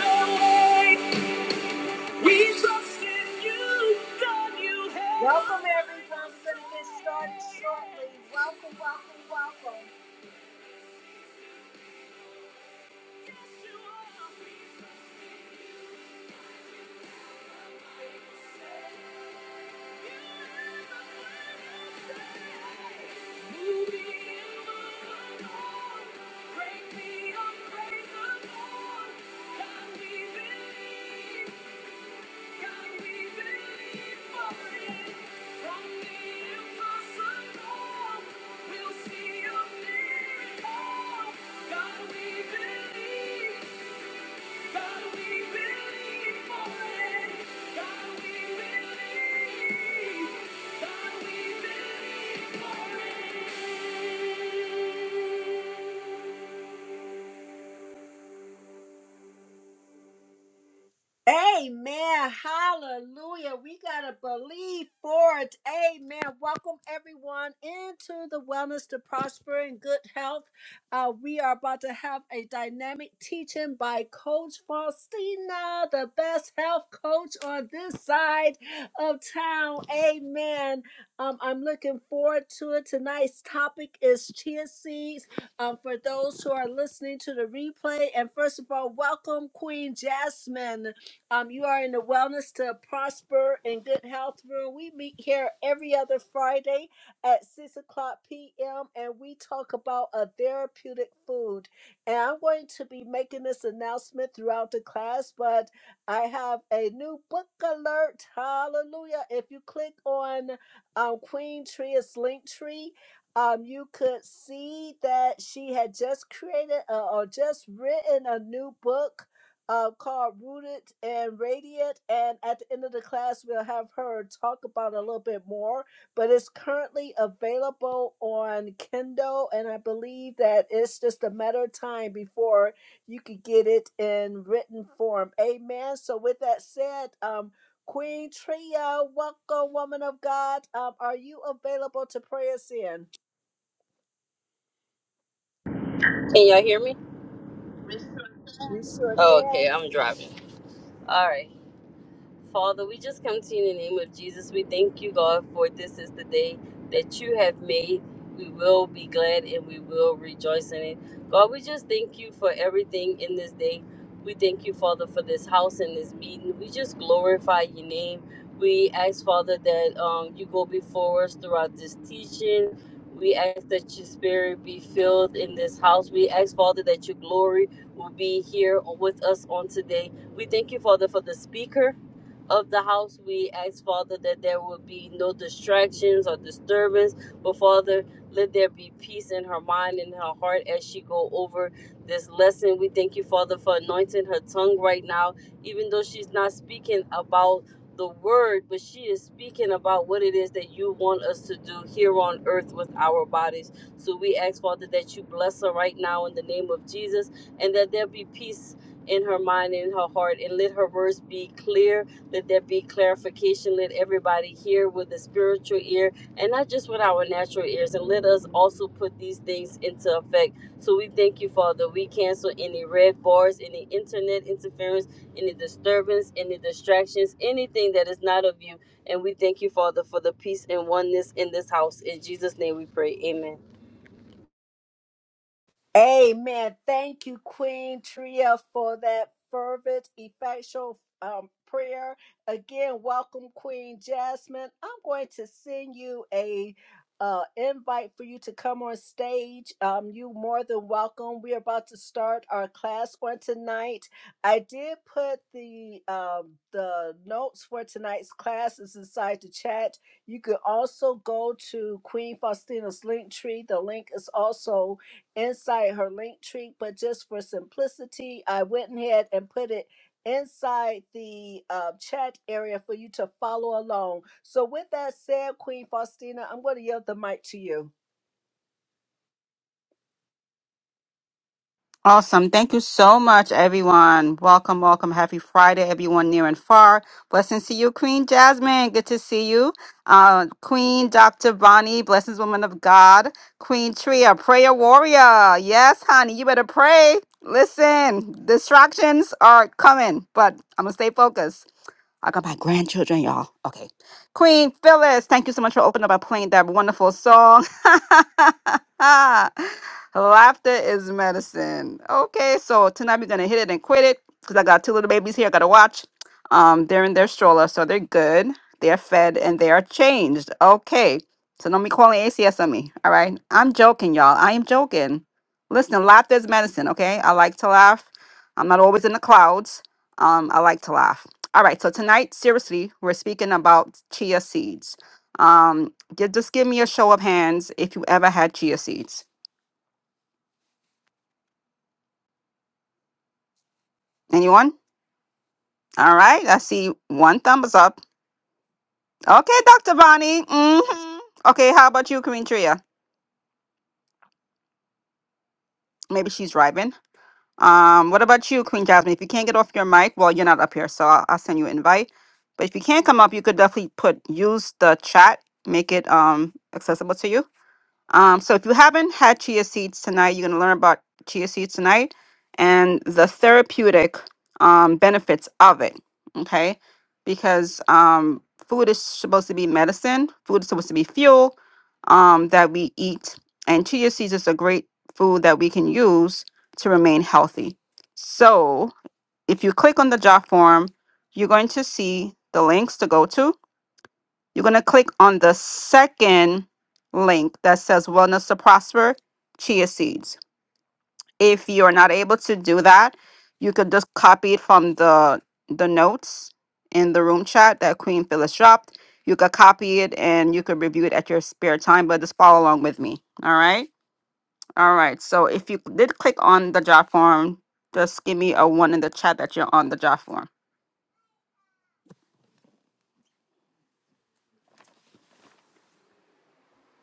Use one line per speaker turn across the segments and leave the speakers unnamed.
no Welcome everyone. We're going to get started shortly. Welcome, welcome, welcome. We'll see a miracle. God, we believe. God, we believe. Amen. Hallelujah. We got to believe for it. Amen. Welcome everyone into the Wellness to Prosper and Good Health. Uh, we are about to have a dynamic teaching by Coach Faustina, the best health coach on this side of town. Amen. Um, I'm looking forward to it. Tonight's topic is chia seeds um, for those who are listening to the replay. And first of all, welcome Queen Jasmine. Um, you are in the Wellness to Prosper and Good Health Room. We meet here every other Friday at 6 o'clock p.m. and we talk about a therapeutic food. And I'm going to be making this announcement throughout the class, but I have a new book alert. Hallelujah. If you click on um, Queen Tria's link tree, um, you could see that she had just created uh, or just written a new book uh, called Rooted and Radiant. And at the end of the class, we'll have her talk about it a little bit more. But it's currently available on Kindle, and I believe that it's just a matter of time before you could get it in written form. Amen. So, with that said, um, Queen Tria, welcome, woman of God. Um, are you available to pray us in?
Can y'all hear me?
We sure
Oh, okay,
can.
I'm driving. All right. Father, we just come to you in the name of Jesus. We thank you, God, for this is the day that you have made. We will be glad and we will rejoice in it. God, we just thank you for everything in this day. We thank you, Father, for this house and this meeting. We just glorify your name. We ask, Father, that um, you go before us throughout this teaching. We ask that your spirit be filled in this house. We ask, Father, that your glory will be here with us on today. We thank you, Father, for the speaker of the house. We ask, Father, that there will be no distractions or disturbance, but Father, let there be peace in her mind and her heart as she go over this lesson. We thank you, Father, for anointing her tongue right now, even though she's not speaking about the word, but she is speaking about what it is that you want us to do here on earth with our bodies. So we ask, Father, that you bless her right now in the name of Jesus and that there be peace in her mind and in her heart and let her words be clear let there be clarification. Let everybody hear with the spiritual ear and not just with our natural ears. And let us also put these things into effect. So we thank you, Father. We cancel any red bars, any internet interference, any disturbance, any distractions, anything that is not of you. And we thank you, Father, for the peace and oneness in this house. In Jesus' name we pray. Amen.
Amen. Thank you, Queen Tria, for that fervent, effectual um, prayer. Again, welcome, Queen Jasmine. I'm going to send you a uh, invite for you to come on stage. Um, you more than welcome. We're about to start our class on tonight. I did put the um, the notes for tonight's classes inside the chat. You could also go to Queen Faustina's link tree. The link is also inside her link tree, but just for simplicity, I went ahead and put it inside the uh, chat area for you to follow along. So, with that said, Queen Faustina, I'm going to yield the mic to you.
Awesome. Thank you so much, everyone. Welcome, welcome. Happy Friday, everyone near and far. Blessings to you, Queen Jasmine. Good to see you. Uh, Queen Dr. Bonnie, blessings, woman of God. Queen Tria, prayer warrior. Yes, honey, you better pray. Listen, distractions are coming, but I'm going to stay focused. I got my grandchildren, y'all. Okay. Queen Phyllis, thank you so much for opening up by playing that wonderful song. Laughter is medicine. Okay, so tonight we're gonna hit it and quit it because I got two little babies here I gotta watch. Um, they're in their stroller, so they're good. They're fed and they are changed. Okay. So don't be calling ACS on me. All right. I'm joking, y'all. I am joking. Listen, laughter is medicine, okay? I like to laugh. I'm not always in the clouds. Um, I like to laugh. All right, so tonight, seriously, we're speaking about chia seeds. Um, ju- just give me a show of hands if you ever had chia seeds. Anyone? All right, I see one thumbs up. Okay, Dr. Bonnie. hmm Okay, how about you, Queen Tria? Maybe she's driving. Um, what about you, Queen Jasmine? If you can't get off your mic, well, you're not up here, so I'll, I'll send you an invite. But if you can't come up, you could definitely put use the chat, make it um accessible to you. Um, so if you haven't had chia seeds tonight, you're going to learn about chia seeds tonight and the therapeutic um, benefits of it. Okay, because um, food is supposed to be medicine. Food is supposed to be fuel um, that we eat, and chia seeds is a great food that we can use to remain healthy. So if you click on the job form, you're going to see the links to go to you're going to click on the second link that says Wellness to Prosper Chia Seeds. If you're not able to do that, you could just copy it from the the notes in the room chat that Queen Phyllis dropped. You could copy it and you could review it at your spare time, but just follow along with me. All right. All right. So if you did click on the job form, just give me a one in the chat that you're on the job form.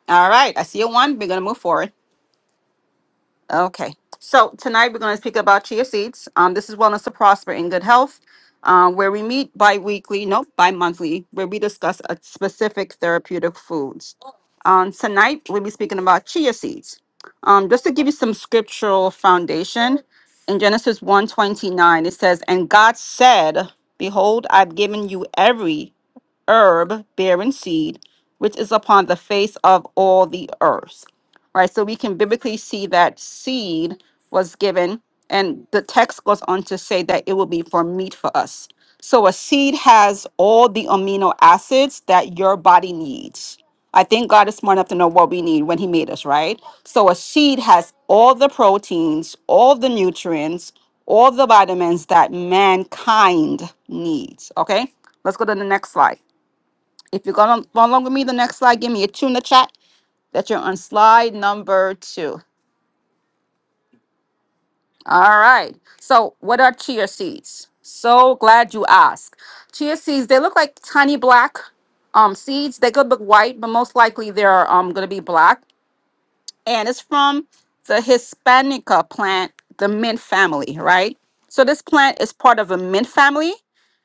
All right. I see a one. We're going to move forward. Okay. So tonight we're going to speak about chia seeds. Um, this is Wellness to Prosper in Good Health, um, where we meet bi-weekly, nope, bi-monthly, where we discuss a specific therapeutic foods. Um, tonight we'll be speaking about chia seeds. Um, just to give you some scriptural foundation, in Genesis one twenty nine it says, And God said, Behold, I've given you every herb bearing seed, which is upon the face of all the earth. Right? So we can biblically see that seed was given, and the text goes on to say that it will be for meat for us. So a seed has all the amino acids that your body needs. I think God is smart enough to know what we need when He made us, right? So a seed has all the proteins, all the nutrients, all the vitamins that mankind needs. Okay, let's go to the next slide. If you're going along with me, the next slide, give me a two in the chat that you're on slide number two. All right. So, what are chia seeds? So glad you asked. Chia seeds, they look like tiny black um, seeds. They could look white, but most likely they're um, going to be black. and it's from the Hispanica plant, the mint family, right? So this plant is part of a mint family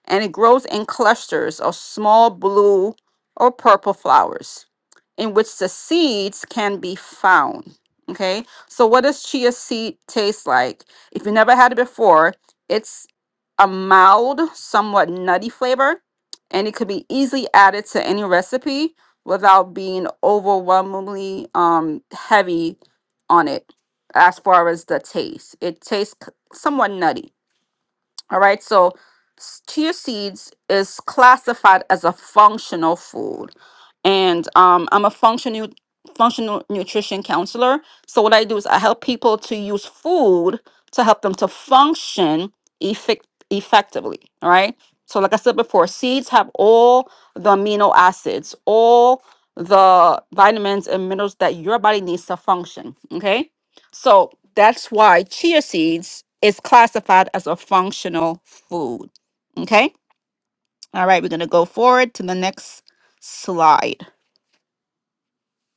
and it grows in clusters of small blue or purple flowers in which the seeds can be found. Okay, so what does chia seed taste like? If you never had it before, it's a mild, somewhat nutty flavor, and it could be easily added to any recipe without being overwhelmingly um, heavy on it as far as the taste. It tastes c- somewhat nutty. All right, so chia seeds is classified as a functional food, and um, I'm a functional functional nutrition counselor. So what I do is I help people to use food to help them to function effect- effectively. All right. So like I said before, seeds have all the amino acids, all the vitamins and minerals that your body needs to function. Okay so that's why chia seeds is classified as a functional food. Okay. All right. We're going to go forward to the next slide.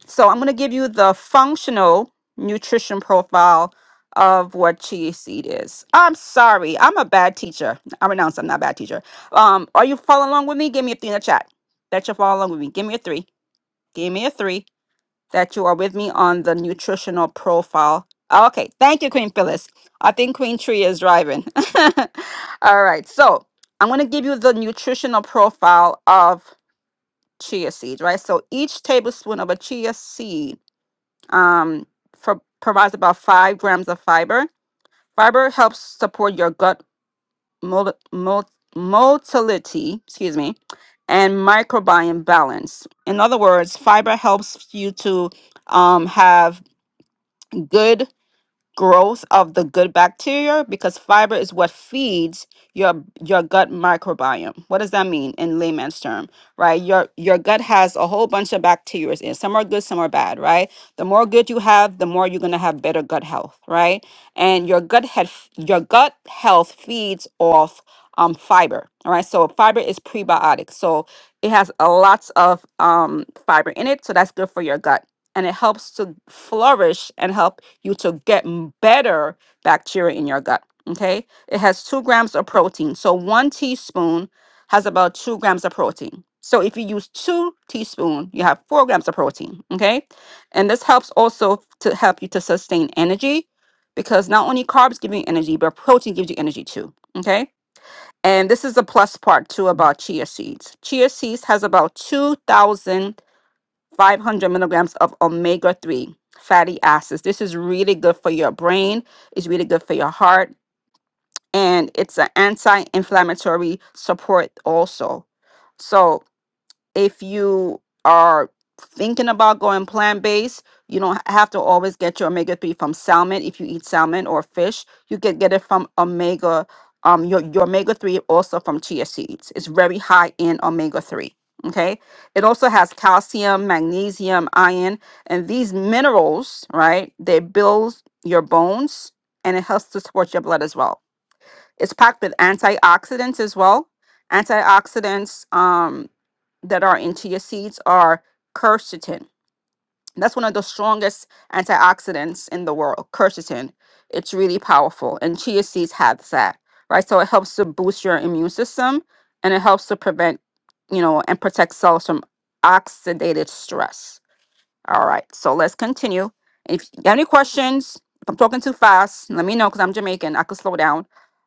So I'm going to give you the functional nutrition profile of what chia seed is. I'm sorry. I'm a bad teacher. I renounce. I'm not a bad teacher. Um, are you following along with me? Give me a three in the chat. That you follow along with me. Give me a three. Give me a three. that you are with me on the nutritional profile. Okay, thank you, Queen Phyllis. I think Queen Tree is driving. All right, so I'm going to give you the nutritional profile of chia seeds, right? So each tablespoon of a chia seed um, pro- provides about five grams of fiber. Fiber helps support your gut mol- mol- motility, excuse me, and microbiome balance. In other words, fiber helps you to um, have good growth of the good bacteria because fiber is what feeds your your gut microbiome. What does that mean in layman's term? Right? Your your gut has a whole bunch of bacteria in. it. Some are good, some are bad, right? The more good you have, the more you're going to have better gut health, right? And your gut health your gut health feeds off um fiber. All right? So fiber is prebiotic. So it has a lots of um fiber in it, so that's good for your gut and it helps to flourish and help you to get m- better bacteria in your gut. Okay. It has two grams of protein. So one teaspoon has about two grams of protein. So if you use two teaspoon, you have four grams of protein. Okay. And this helps also to help you to sustain energy because not only carbs give you energy, but protein gives you energy too. Okay. And this is the plus part too about chia seeds. Chia seeds has about 2,000 500 milligrams of omega 3 fatty acids. This is really good for your brain, it's really good for your heart, and it's an anti inflammatory support also. So, if you are thinking about going plant-based, you don't ha- have to always get your omega-3 from salmon. If you eat salmon or fish, you can get it from omega, um, your, your omega-3 also from chia seeds. It's very high in omega-3. Okay. It also has calcium, magnesium, iron, and these minerals, right? They build your bones and it helps to support your blood as well. It's packed with antioxidants as well. Antioxidants, Um that are in chia seeds are quercetin. That's one of the strongest antioxidants in the world, quercetin. It's really powerful, and chia seeds have that, right? So it helps to boost your immune system, and it helps to prevent, you know, and protect cells from oxidative stress all right, so let's continue. If you got any questions, if I'm talking too fast, let me know because I'm Jamaican. I could slow down.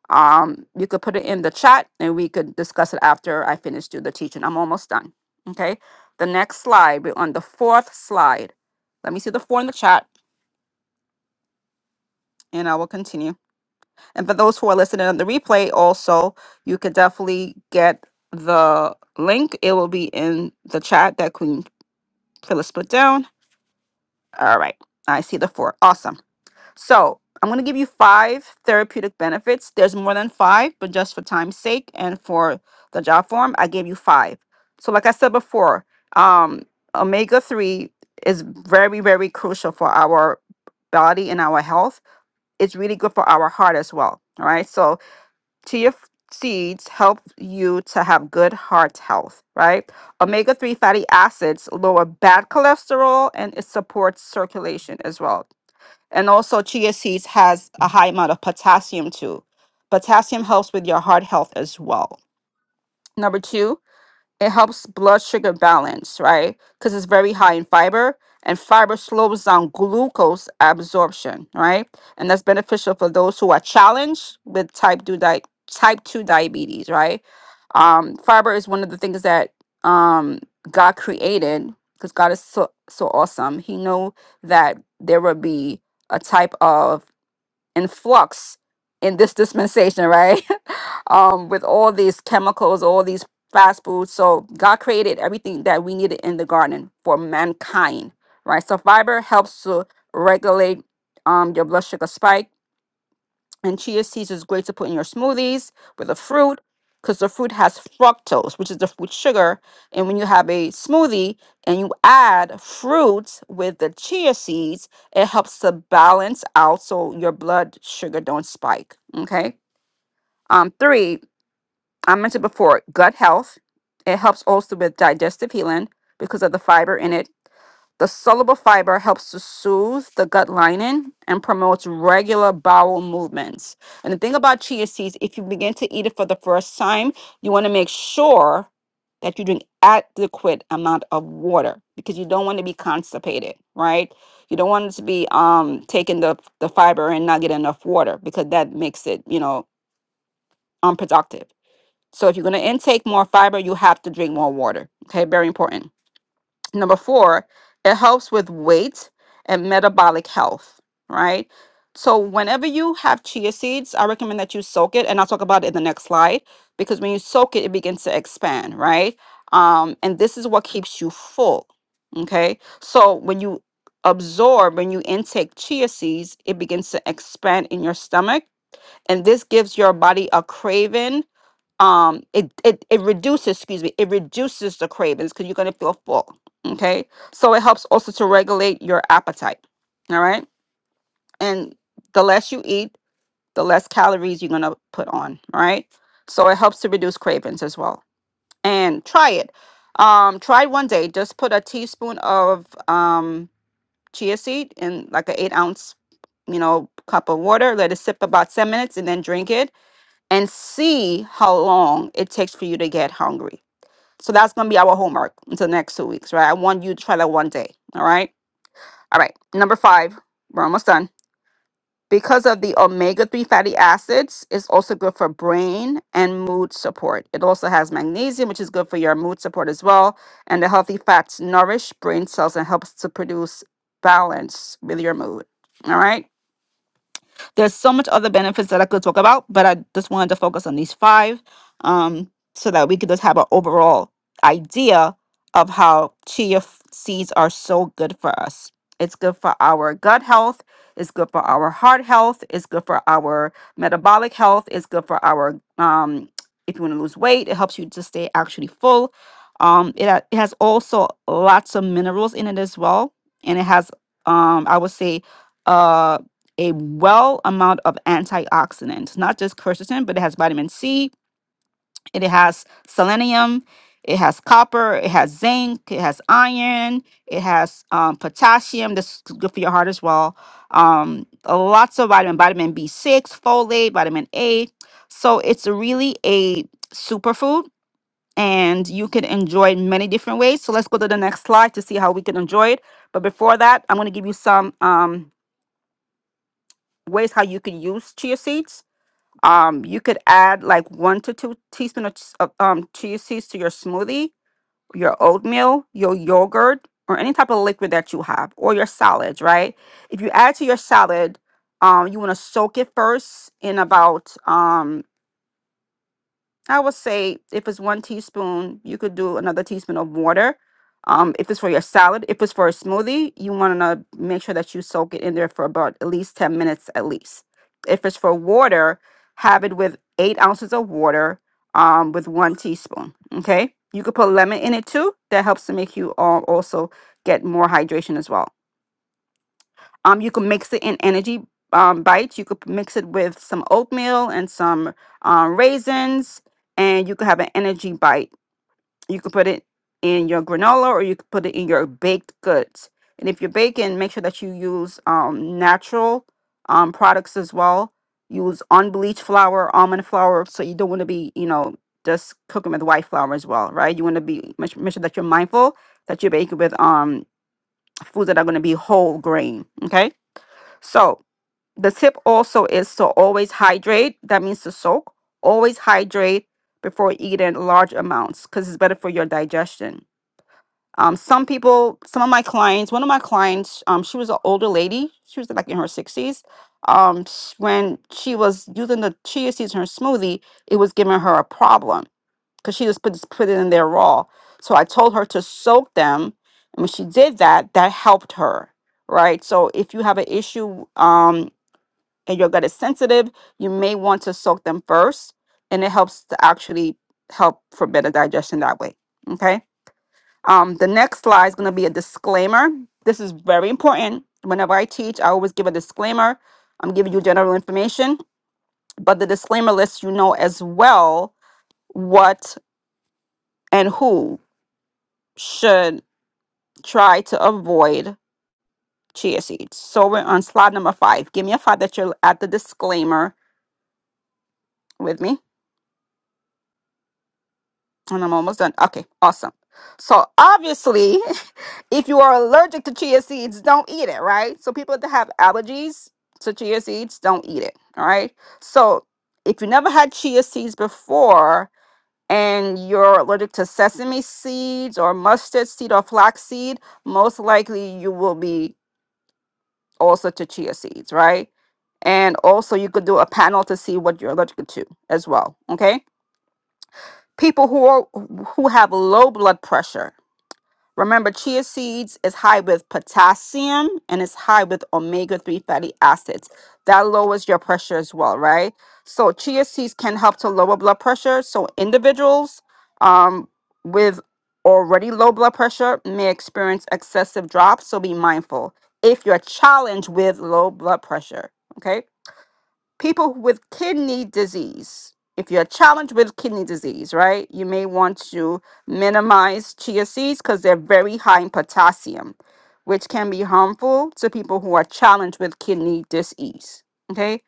Um, you could put it in the chat and we could discuss it after I finish do the teaching. I'm almost done. Okay. The next slide, we're on the fourth slide. Let me see the four in the chat and I will continue. And for those who are listening on the replay, also, you could definitely get the link. It will be in the chat that Queen Phyllis put down. All right. I see the four. Awesome. So I'm going to give you five therapeutic benefits. There's more than five, but just for time's sake and for the job form, I gave you five. So, like I said before, um, omega 3 is very, very crucial for our body and our health. It's really good for our heart as well. All right. So, chia f- seeds help you to have good heart health, right? Omega 3 fatty acids lower bad cholesterol and it supports circulation as well. And also chia seeds has a high amount of potassium too. Potassium helps with your heart health as well. Number 2, it helps blood sugar balance, right? Cuz it's very high in fiber and fiber slows down glucose absorption, right? And that's beneficial for those who are challenged with type 2 di- type 2 diabetes, right? Um fiber is one of the things that um God created cuz God is so so awesome. He knew that there would be a type of in flux in this dispensation, right? um, with all these chemicals, all these fast foods. So God created everything that we needed in the garden for mankind, right? So fiber helps to regulate um, your blood sugar spike and chia seeds is great to put in your smoothies with the fruit because the fruit has fructose, which is the fruit sugar. And when you have a smoothie and you add fruits with the chia seeds, it helps to balance out so your blood sugar don't spike. Okay. Um, three, I mentioned before gut health. It helps also with digestive healing because of the fiber in it the soluble fiber helps to soothe the gut lining and promotes regular bowel movements. And the thing about chia seeds, if you begin to eat it for the first time, you want to make sure that you drink adequate amount of water because you don't want to be constipated, right? You don't want to be um taking the the fiber and not get enough water because that makes it, you know, unproductive. So if you're going to intake more fiber, you have to drink more water. Okay, very important. Number four, it helps with weight and metabolic health, right? So, whenever you have chia seeds, I recommend that you soak it, and I'll talk about it in the next slide because when you soak it, it begins to expand, right? Um, and this is what keeps you full, okay? So, when you absorb, when you intake chia seeds, it begins to expand in your stomach, and this gives your body a craving um it it, it reduces excuse me it reduces the cravings because you're going to feel full okay so it helps also to regulate your appetite all right and the less you eat the less calories you're going to put on all right so it helps to reduce cravings as well and try it um try one day just put a teaspoon of um chia seed in like an eight ounce you know cup of water let it sip about 10 minutes and then drink it and see how long it takes for you to get hungry so that's gonna be our homework until next two weeks, right? I want you to try that one day. All right. All right. Number five, we're almost done. Because of the omega 3 fatty acids, it's also good for brain and mood support. It also has magnesium, which is good for your mood support as well. And the healthy fats nourish brain cells and helps to produce balance with your mood. All right. There's so much other benefits that I could talk about, but I just wanted to focus on these five um, so that we could just have an overall idea of how chia f- seeds are so good for us. It's good for our gut health. It's good for our heart health. It's good for our metabolic health. It's good for our um, if you want to lose weight. It helps you to stay actually full. Um, it, ha- it has also lots of minerals in it as well, and it has um, I would say uh a well amount of antioxidants, not just quercetin, but it has vitamin C, it has selenium, it has copper, it has zinc, it has iron, it has um, potassium. That's good for your heart as well. Um, uh, lots of vitamin, vitamin B6, folate, vitamin A. So it's really a superfood and you can enjoy it in many different ways. So let's go to the next slide to see how we can enjoy it. But before that, I'm going to give you some um, ways how you can use chia seeds. Um, you could add like one to two teaspoon of, ch- of, um, chia seeds to your smoothie, your oatmeal, your yogurt, or any type of liquid that you have, or your salads, right? If you add to your salad, um, you want to soak it first in about um, I would say if it's one teaspoon, you could do another teaspoon of water. Um, if it's for your salad, if it's for a smoothie, you want to make sure that you soak it in there for about at least 10 minutes at least. If it's for water, have it with eight ounces of water um, with one teaspoon. Okay. You could put lemon in it too. That helps to make you uh, also get more hydration as well. Um, you can mix it in energy um, bites. You could mix it with some oatmeal and some um, raisins, and you could have an energy bite. You could put it in your granola or you could put it in your baked goods. And if you're baking, make sure that you use um, natural um, products as well. Use unbleached flour, almond flour, so you don't want to be, you know, just cooking with white flour as well, right? You want to be make make sure that you're mindful that you're baking with um foods that are going to be whole grain. Okay, so the tip also is to always hydrate. That means to soak. Always hydrate before eating large amounts because it's better for your digestion. Um, some people, some of my clients, one of my clients, um, she was an older lady. She was like in her sixties. Um, sh- when she was using the chia seeds in her smoothie, it was giving her a problem because she just put put it in there raw. So I told her to soak them, and when she did that, that helped her. Right. So if you have an issue, um, and your gut is sensitive, you may want to soak them first, and it helps to actually help for better digestion that way. Okay. Um, the next slide is going to be a disclaimer. This is very important. Whenever I teach, I always give a disclaimer. I'm giving you general information, but the disclaimer lets you know as well what and who should try to avoid chia seeds. So we're on slide number five. Give me a five that you're at the disclaimer with me. And I'm almost done. Okay, awesome. So obviously, if you are allergic to chia seeds, don't eat it, right? So people that have allergies to chia seeds, don't eat it, all right? So if you never had chia seeds before and you're allergic to sesame seeds or mustard seed or flax seed, most likely you will be also to chia seeds, right? And also you could do a panel to see what you're allergic to as well, okay? People who are, who have low blood pressure Remember, chia seeds is high with potassium and it's high with omega 3 fatty acids. That lowers your pressure as well, right? So, chia seeds can help to lower blood pressure. So, individuals um, with already low blood pressure may experience excessive drops. So, be mindful if you're challenged with low blood pressure. Okay people with kidney disease. If you're challenged with kidney disease, right, you may want to minimize chia seeds because they're very high in potassium, which can be harmful to people who are challenged with kidney disease. Okay.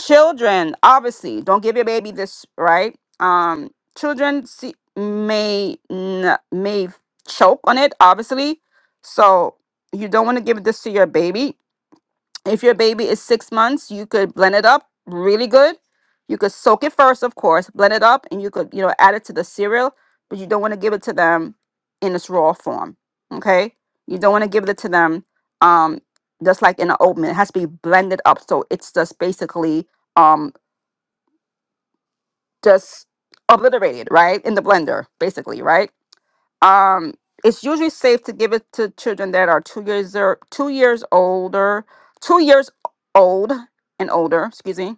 Children, obviously, don't give your baby this, right? Um, children see, may n- may choke on it, obviously. So you don't want to give this to your baby if your baby is six months, you could blend it up really good. You could soak it first, of course, blend it up, and you could, you know, add it to the cereal, but you don't want to give it to them in its raw form. Okay? You don't want to give it to them um just like in an oatmeal. It has to be blended up. So it's just basically um just obliterated, right? In the blender, basically, right? um it's usually safe to give it to children that are two years or two years older two years old and older excuse me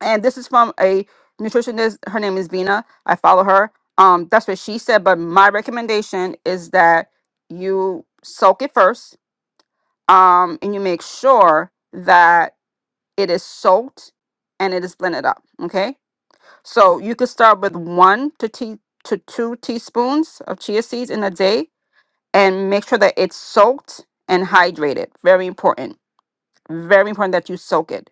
and this is from a nutritionist her name is vina i follow her um that's what she said but my recommendation is that you soak it first um and you make sure that it is soaked and it is blended up okay so you could start with one to tea to two teaspoons of chia seeds in a day and make sure that it's soaked and hydrated. Very important. Very important that you soak it,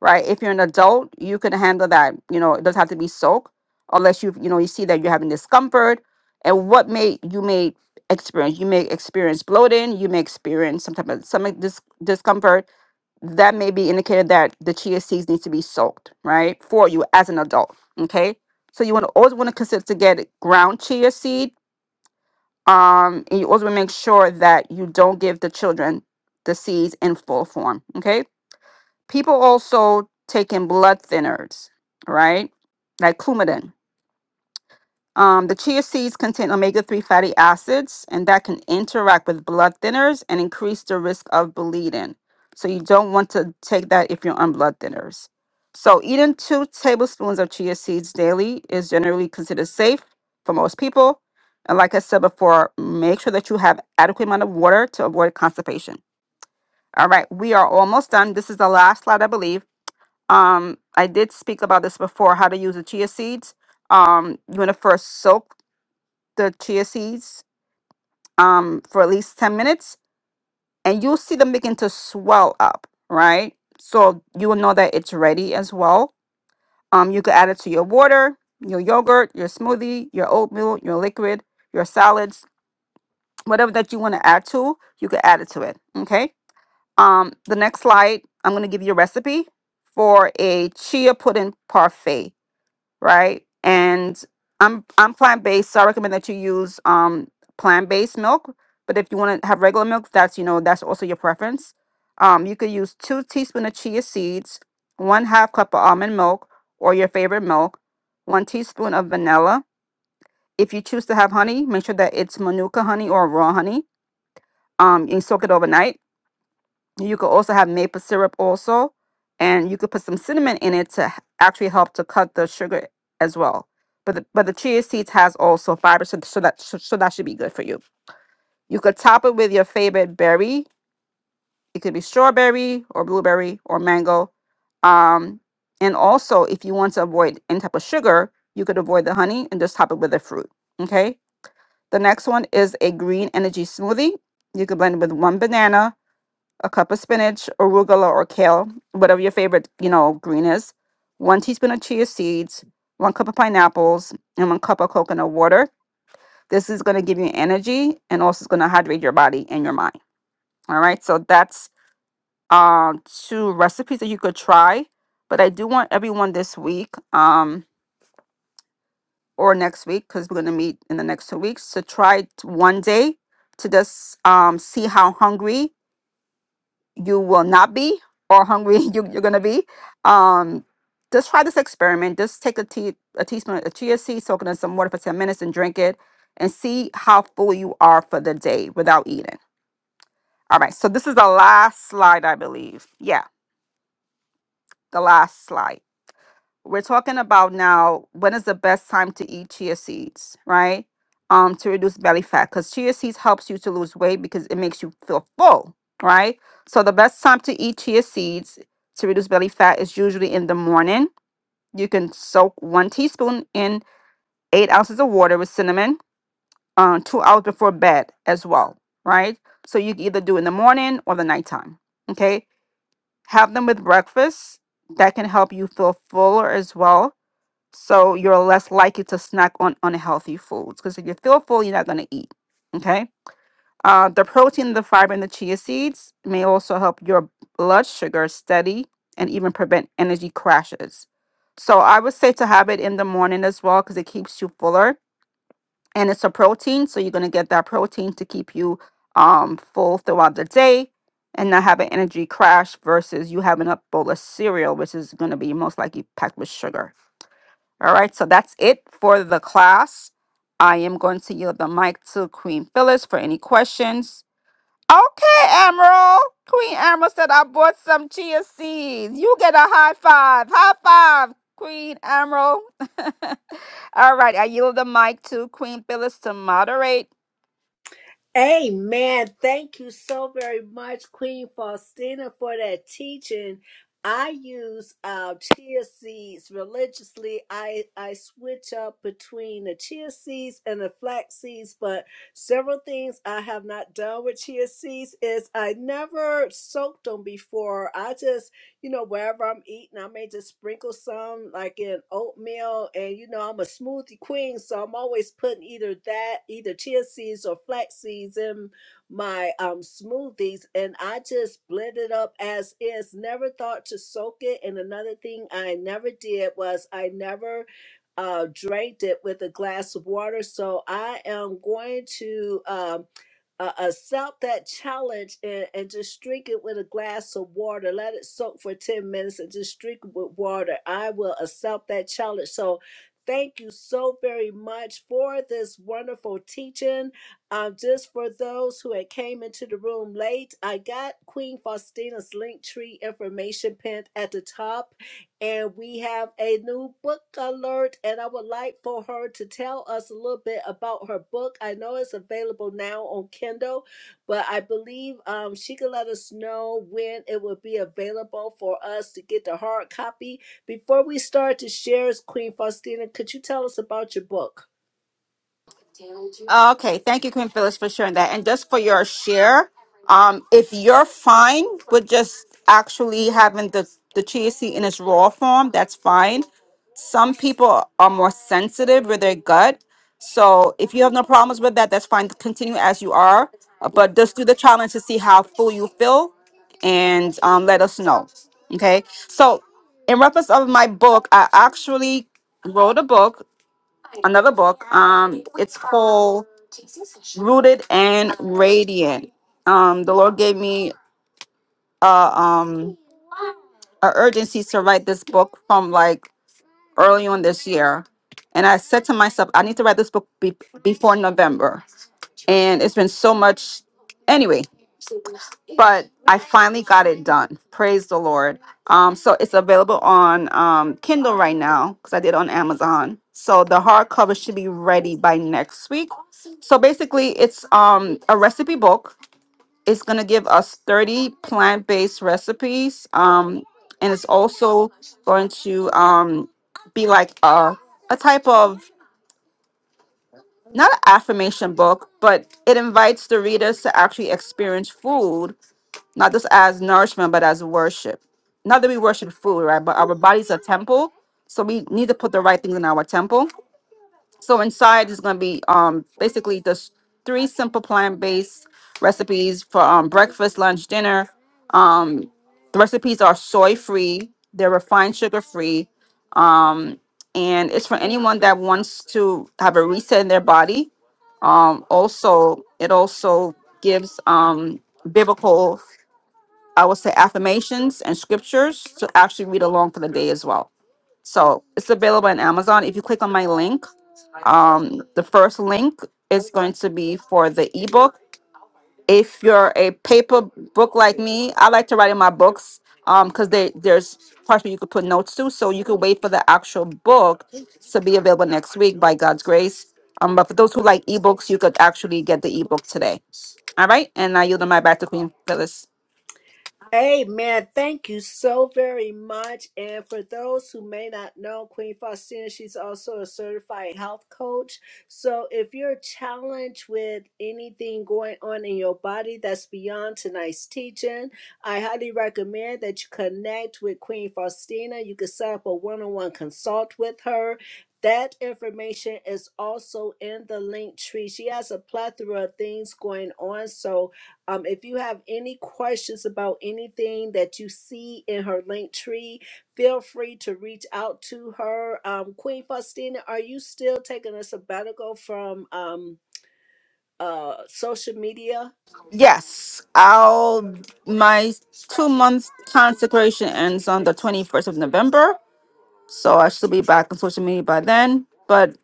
right? If you're an adult, you can handle that. You know, it doesn't have to be soaked unless you, you know, you see that you're having discomfort and what may you may experience. You may experience bloating, you may experience some type of stomach dis- discomfort. That may be indicated that the chia seeds needs to be soaked, right? For you as an adult, okay? So you want to always want to consider to get ground chia seed um, and you also make sure that you don't give the children the seeds in full form. Okay. People also taking blood thinners, right? Like Coumadin. Um, the chia seeds contain omega 3 fatty acids, and that can interact with blood thinners and increase the risk of bleeding. So, you don't want to take that if you're on blood thinners. So, eating two tablespoons of chia seeds daily is generally considered safe for most people. And, like I said before, make sure that you have adequate amount of water to avoid constipation. All right, we are almost done. This is the last slide, I believe. Um, I did speak about this before how to use the chia seeds um you want to first soak the chia seeds um, for at least 10 minutes and you'll see them begin to swell up, right? So you will know that it's ready as well. Um, you could add it to your water, your yogurt, your smoothie, your oatmeal, your liquid, your salads, whatever that you want to add to, you could add it to it. Okay. Um, the next slide, I'm going to give you a recipe for a chia pudding parfait. right? And I'm I'm plant based, so I recommend that you use um plant based milk. But if you want to have regular milk, that's you know that's also your preference. Um, you could use two teaspoon of chia seeds, one half cup of almond milk or your favorite milk, one teaspoon of vanilla. If you choose to have honey, make sure that it's manuka honey or raw honey. Um, you soak it overnight you could also have maple syrup also, and you could put some cinnamon in it to h- actually help to cut the sugar as well. But the, but the chia seeds has also fiber, so, so that so, so that should be good for you. You could top it with your favorite berry. It could be strawberry or blueberry or mango. Um, and also, if you want to avoid any type of sugar, you could avoid the honey and just top it with a fruit. Okay. The next one is a green energy smoothie. You could blend it with one banana, a cup of spinach, arugula, or kale, whatever your favorite, you know, green is, one teaspoon of chia seeds, one cup of pineapples, and one cup of coconut water. This is going to give you energy and also it's going to hydrate your body and your mind. All right. So that's uh, two recipes that you could try. But I do want everyone this week um, or next week, because we're going to meet in the next two weeks, to try it one day to just um, see how hungry you will not be or hungry you, you're going to be um just try this experiment just take a tea a teaspoon of chia seed soak it in some water for 10 minutes and drink it and see how full you are for the day without eating all right so this is the last slide i believe yeah the last slide we're talking about now when is the best time to eat chia seeds, right? Um, to reduce belly fat because chia seeds helps you to lose weight because it makes you feel full, right? So the best time to eat chia seeds to reduce belly fat is usually in the morning. You can soak one teaspoon in eight ounces of water with cinnamon, um, two hours before bed as well, right? So you can either do in the morning or the nighttime. Okay. Have them with breakfast. That can help you feel fuller as well so you're less likely to snack on unhealthy foods because if you feel full, you're not going to eat. Okay. Uh, the protein, the fiber, and the chia seeds may also help your blood sugar steady and even prevent energy crashes. So I would say to have it in the morning as well because it keeps you fuller and it's a protein. So you're going to get that protein to keep you um, full throughout the day and not have an energy crash versus you having a bowl of cereal, which is going to be most likely packed with sugar. All right, so that's it for the class. I am going to yield the mic to Queen Phyllis for any questions. Okay, Emerald. Queen Emerald said, I bought some chia seeds. You get a high five. High five, Queen Emerald. All right, I yield the mic to Queen Phyllis to moderate.
Amen. Thank you so very much, Queen Faustina, for that teaching. I use uh, chia seeds religiously. I, I switch up between the chia seeds and the flax seeds, but several things I have not done with chia seeds is I never soaked them before. I just you know, wherever I'm eating, I may just sprinkle some like in oatmeal. And, you know, I'm a smoothie queen. So I'm always putting either that, either chia seeds or flax seeds in my um, smoothies. And I just blend it up as is. Never thought to soak it. And another thing I never did was I never uh drained it with a glass of water so i am going to um uh, accept that challenge and, and just drink it with a glass of water. Let it soak for 10 minutes and just drink it with water. I will accept that challenge. So, thank you so very much for this wonderful teaching. Um, just for those who had came into the room late, I got Queen Faustina's link tree information pinned at the top. And we have a new book alert, and I would like for her to tell us a little bit about her book. I know it's available now on Kindle, but I believe um, she could let us know when it will be available for us to get the hard copy. Before we start to share, Queen Faustina, could you tell us about your book?
Okay, thank you, Queen Phyllis, for sharing that. And just for your share, um, if you're fine with just actually having the the chia seed in its raw form, that's fine. Some people are more sensitive with their gut, so if you have no problems with that, that's fine. Continue as you are, uh, but just do the challenge to see how full you feel, and um, let us know. Okay, so in reference of my book, I actually wrote a book another book. Um, it's called Rooted and Radiant. Um, the Lord gave me a um a urgency to write this book from like early on this year, and I said to myself, I need to write this book be- before November and it's been so much anyway but i finally got it done praise the lord um so it's available on um kindle right now because i did on amazon so the hardcover should be ready by next week so basically it's um a recipe book it's gonna give us 30 plant-based recipes um and it's also going to um be like a a type of not an affirmation book, but it invites the readers to actually experience food, not just as nourishment, but as worship. Not that we worship food, right? But our bodies a temple. So we need to put the right things in our temple. So inside is going to be um basically the s- three simple plant-based recipes for um breakfast, lunch, dinner. Um the recipes are soy-free, they're refined sugar-free. Um and it's for anyone that wants to have a reset in their body. Um also it also gives um biblical I would say affirmations and scriptures to actually read along for the day as well. So it's available on Amazon. If you click on my link, um, the first link is going to be for the ebook. If you're a paper book like me, I like to write in my books um because they there's parts where you could put notes to, so you could wait for the actual book to be available next week by God's grace. Um, but for those who like ebooks, you could actually get the ebook today. All right, and I yield my back to Queen Phyllis.
Amen. Thank you so very much. And for those who may not know, Queen Faustina, she's also a certified health coach. So if you're challenged with anything going on in your body that's beyond tonight's teaching, I highly recommend that you connect with Queen Faustina. You can set up a one on one consult with her. That information is also in the link tree. She has a plethora of things going on. So um, if you have any questions about anything that you see in her link tree, feel free to reach out to her. Um, Queen Faustina, are you still taking a sabbatical from um, uh, social media?
Yes, I'll my two month consecration ends on the 21st of November. So I should be back on social media by then. But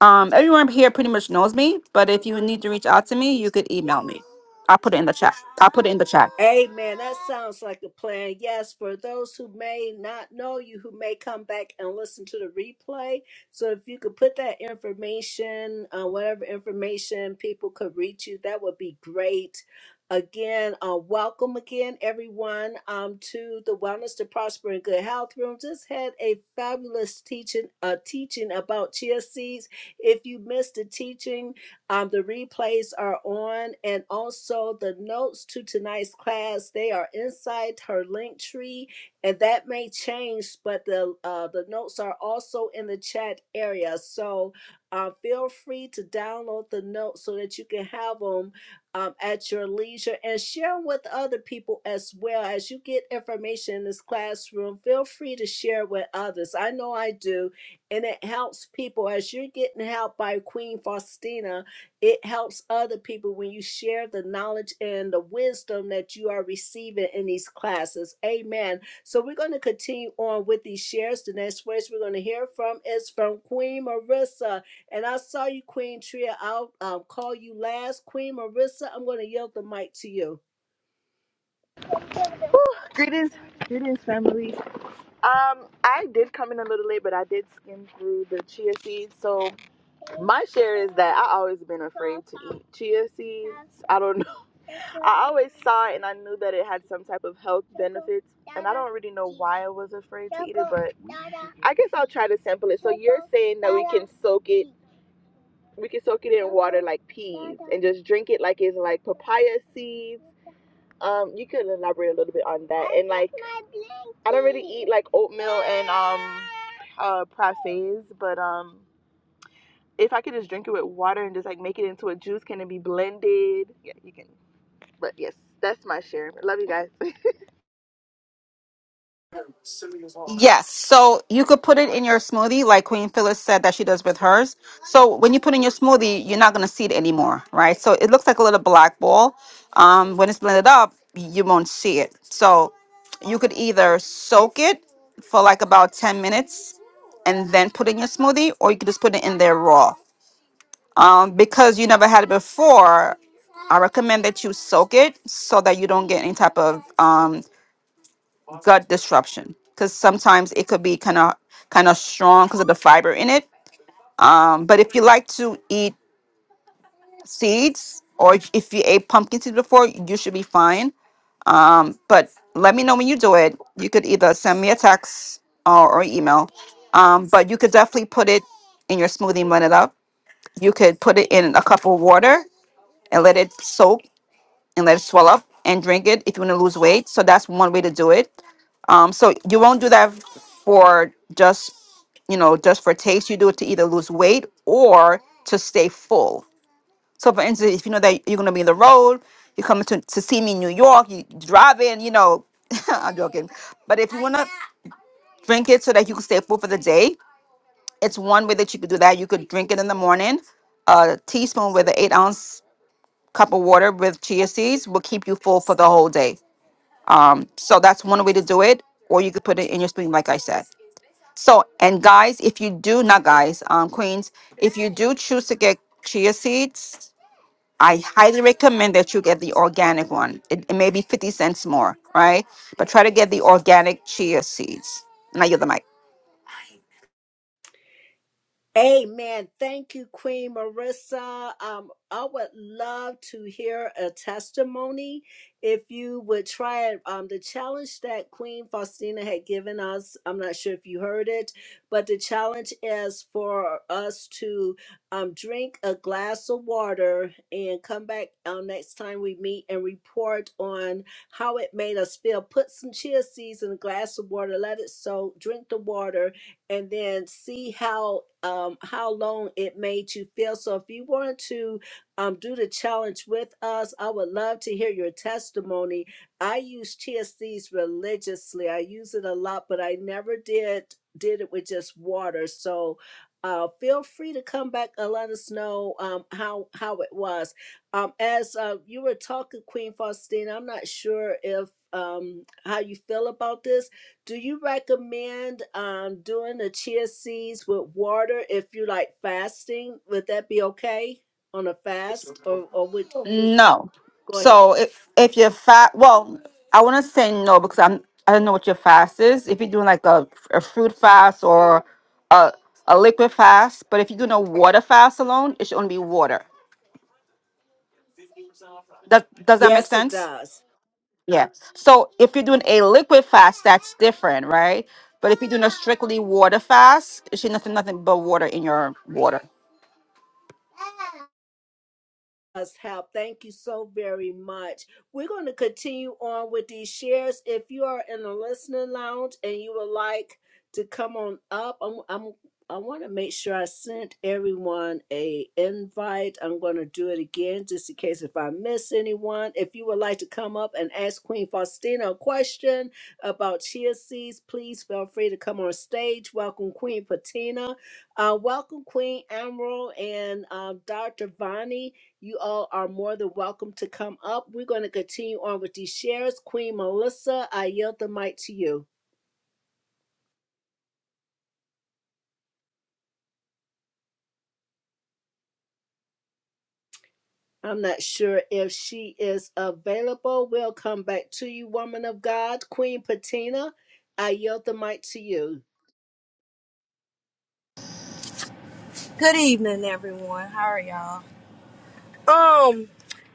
um, everyone here pretty much knows me. But if you need to reach out to me, you could email me. I'll put it in the chat. I'll put it in the chat.
Amen. That sounds like a plan. Yes, for those who may not know you, who may come back and listen to the replay. So if you could put that information, uh, whatever information people could reach you, that would be great. Again, uh, welcome again, everyone, um, to the Wellness to Prosper and Good Health Room. Just had a fabulous teaching, uh, teaching about chia seeds. If you missed the teaching, um, the replays are on, and also the notes to tonight's class. They are inside her link tree, and that may change. But the uh, the notes are also in the chat area, so uh, feel free to download the notes so that you can have them um, at your leisure and share 'em with other people as well. As you get information in this classroom, feel free to share with others. I know I do, and it helps people as you're getting help by Queen Faustina it helps other people when you share the knowledge and the wisdom that you are receiving in these classes. Amen. So we're going to continue on with these shares. The next voice we're going to hear from is from Queen Marissa. And I saw you, Queen Tria. I'll um, call you last. Queen Marissa, I'm going to yield the mic to you.
Greetings, greetings, family. Um, I did come in a little late, but I did skim through the chia seeds. So my share is that I always been afraid to eat chia seeds. I don't know. I always saw it and I knew that it had some type of health benefits, and I don't really know why I was afraid to eat it. But I guess I'll try to sample it. So you're saying that we can soak it, we can soak it in water like peas and just drink it like it's like papaya seeds um, you could elaborate a little bit on that. And like, I don't really eat like oatmeal and um, uh, parfaits, but um, if I could just drink it with water and just like make it into a juice, can it be blended? Yeah, you can. But yes, that's my share. Love you guys.
Yes. So you could put it in your smoothie, like Queen Phyllis said that she does with hers. So when you put in your smoothie, you're not going to see it anymore, right? So it looks like a little black ball. Um, when it's blended up, you won't see it. So you could either soak it for like about 10 minutes and then put it in your smoothie, or you could just put it in there raw. Um, because you never had it before, I recommend that you soak it so that you don't get any type of um, gut disruption. Because sometimes it could be kind of kind of strong because of the fiber in it. Um, but if you like to eat seeds or if if you ate pumpkin seeds before, you should be fine. But let me know when you do it. You could either send me a text or, or email. Um, but you could definitely put it in your smoothie and blend it up. You could put it in a cup of water and let it soak and let it swell up and drink it if you want to lose weight. So that's one way to do it. Um, so you won't do that for just, you know, just for taste. You do it to either lose weight or to stay full. So for instance, if you know that you're gonna be on the road, you come to, to see me in New York, you drive in, you know, I'm joking. But if you wanna drink it so that you can stay full for the day, it's one way that you could do that. You could drink it in the morning. A teaspoon with an eight ounce cup of water with chia seeds will keep you full for the whole day So that's one way to do it, or you could put it in your spoon, like I said. So, and guys, if you do, not guys, um, queens, if you do choose to get chia seeds, I highly recommend that you get the organic one. It, it may be 50 cents more, right? But try to get the organic chia seeds. Now you're the mic.
Amen. Thank you, Queen Marissa. Um, I would love to hear a testimony. If you would try it, um, the challenge that Queen Faustina had given us, I'm not sure if you heard it, but the challenge is for us to um, drink a glass of water and come back um, next time we meet and report on how it made us feel. Put some chia seeds in a glass of water, let it soak, drink the water, and then see how um how long it made you feel so if you want to um do the challenge with us i would love to hear your testimony i use chia seeds religiously i use it a lot but i never did did it with just water so uh, feel free to come back and let us know um, how how it was. Um, as uh, you were talking, Queen Faustina, I'm not sure if um, how you feel about this, do you recommend um, doing the chia seeds with water if you like fasting? Would that be okay on a fast, or or would you think,
No.
go ahead?
So if if you're fat, well, I want to say no because I'm I don't know what your fast is. If you're doing like a, a fruit fast or a a liquid fast, but if you're doing a water fast alone, it should only be water. That does that make
Yes, it
sense?
does.
Yeah. So if you're doing a liquid fast, that's different, right? But if you're doing a strictly water fast, it should nothing nothing but water in your water.
us help. Thank you so very much. We're going to continue on with these shares. If you are in the listening lounge and you would like to come on up, I'm, I'm I want to make sure I sent everyone a invite. I'm going to do it again just in case if I miss anyone. If you would like to come up and ask Queen Faustina a question about chia seeds, please feel free to come on stage. Welcome Queen Patina. Uh, welcome Queen Emerald and uh, Dr. Vani. You all are more than welcome to come up. We're going to continue on with these shares. Queen Melissa, I yield the mic to you. I'm not sure if she is available. We'll come back to you, woman of God. Queen Patina, I yield the mic to you.
Good evening, everyone. How are y'all? Um,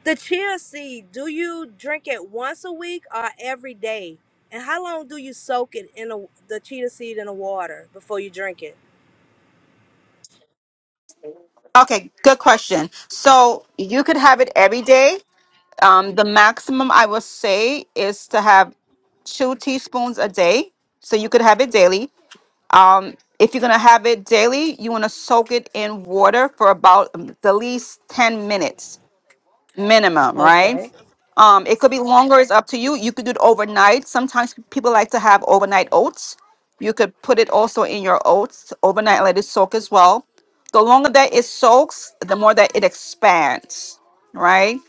the chia seed. Do you drink it once a week or every day? And how long do you soak it in a, the chia seed in the water before you drink it?
Okay, good question. So you could have it every day Um, the maximum I would say is to have two teaspoons a day. So you could have it daily. Um, if you're gonna have it daily, you wanna soak it in water for about um, the least 10 minutes minimum, right?
Okay.
Um, it could be longer, it's up to you. You could do it overnight. Sometimes people like to have overnight oats. You could put it also in your oats overnight, let it soak as well. The longer that it soaks, the more that it expands, right?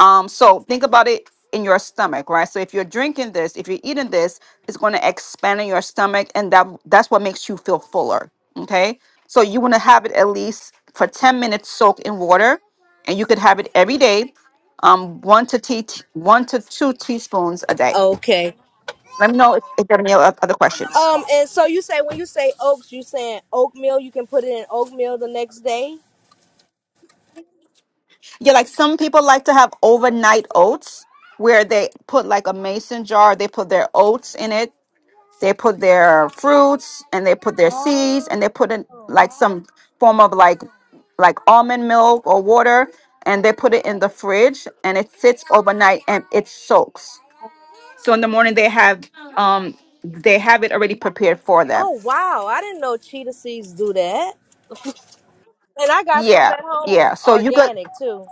Um, so think about it in your stomach, right? So if you're drinking this, if you're eating this, it's going to expand in your stomach, and that that's what makes you feel fuller. Okay, so you want to have it at least for 10 minutes soaked in water, and you could have it every day, um, one to tea, one to two teaspoons a day.
Okay.
Let me know if, if you have any o- other questions.
Um, and so you say when you say oats, you saying oatmeal. You can put it in oatmeal the next day.
Yeah, like some people like to have overnight oats where they put like a mason jar, they put their oats in it They put their fruits and they put their seeds and
Oh.
they put in like some form of like like almond milk or water and they put it in the fridge and it sits overnight and it soaks. So in the morning they have um they have it already prepared for them.
Oh wow! I didn't know chia seeds do that. And I got some
Yeah,
at
yeah.
home,
So you could
organic too.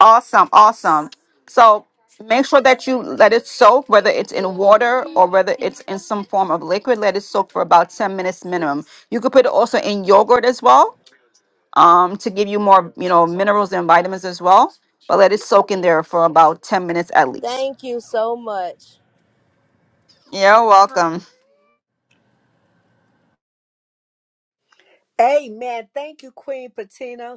awesome, awesome. So make sure that you let it soak, whether it's in water or whether it's in some form of liquid. Let it soak for about ten minutes minimum. You could put it also in yogurt as well um, to give you more, you know, minerals and vitamins as well. But let it soak in there for about 10 minutes at least.
Thank you so much.
You're welcome.
Amen. Thank you, Queen Patina.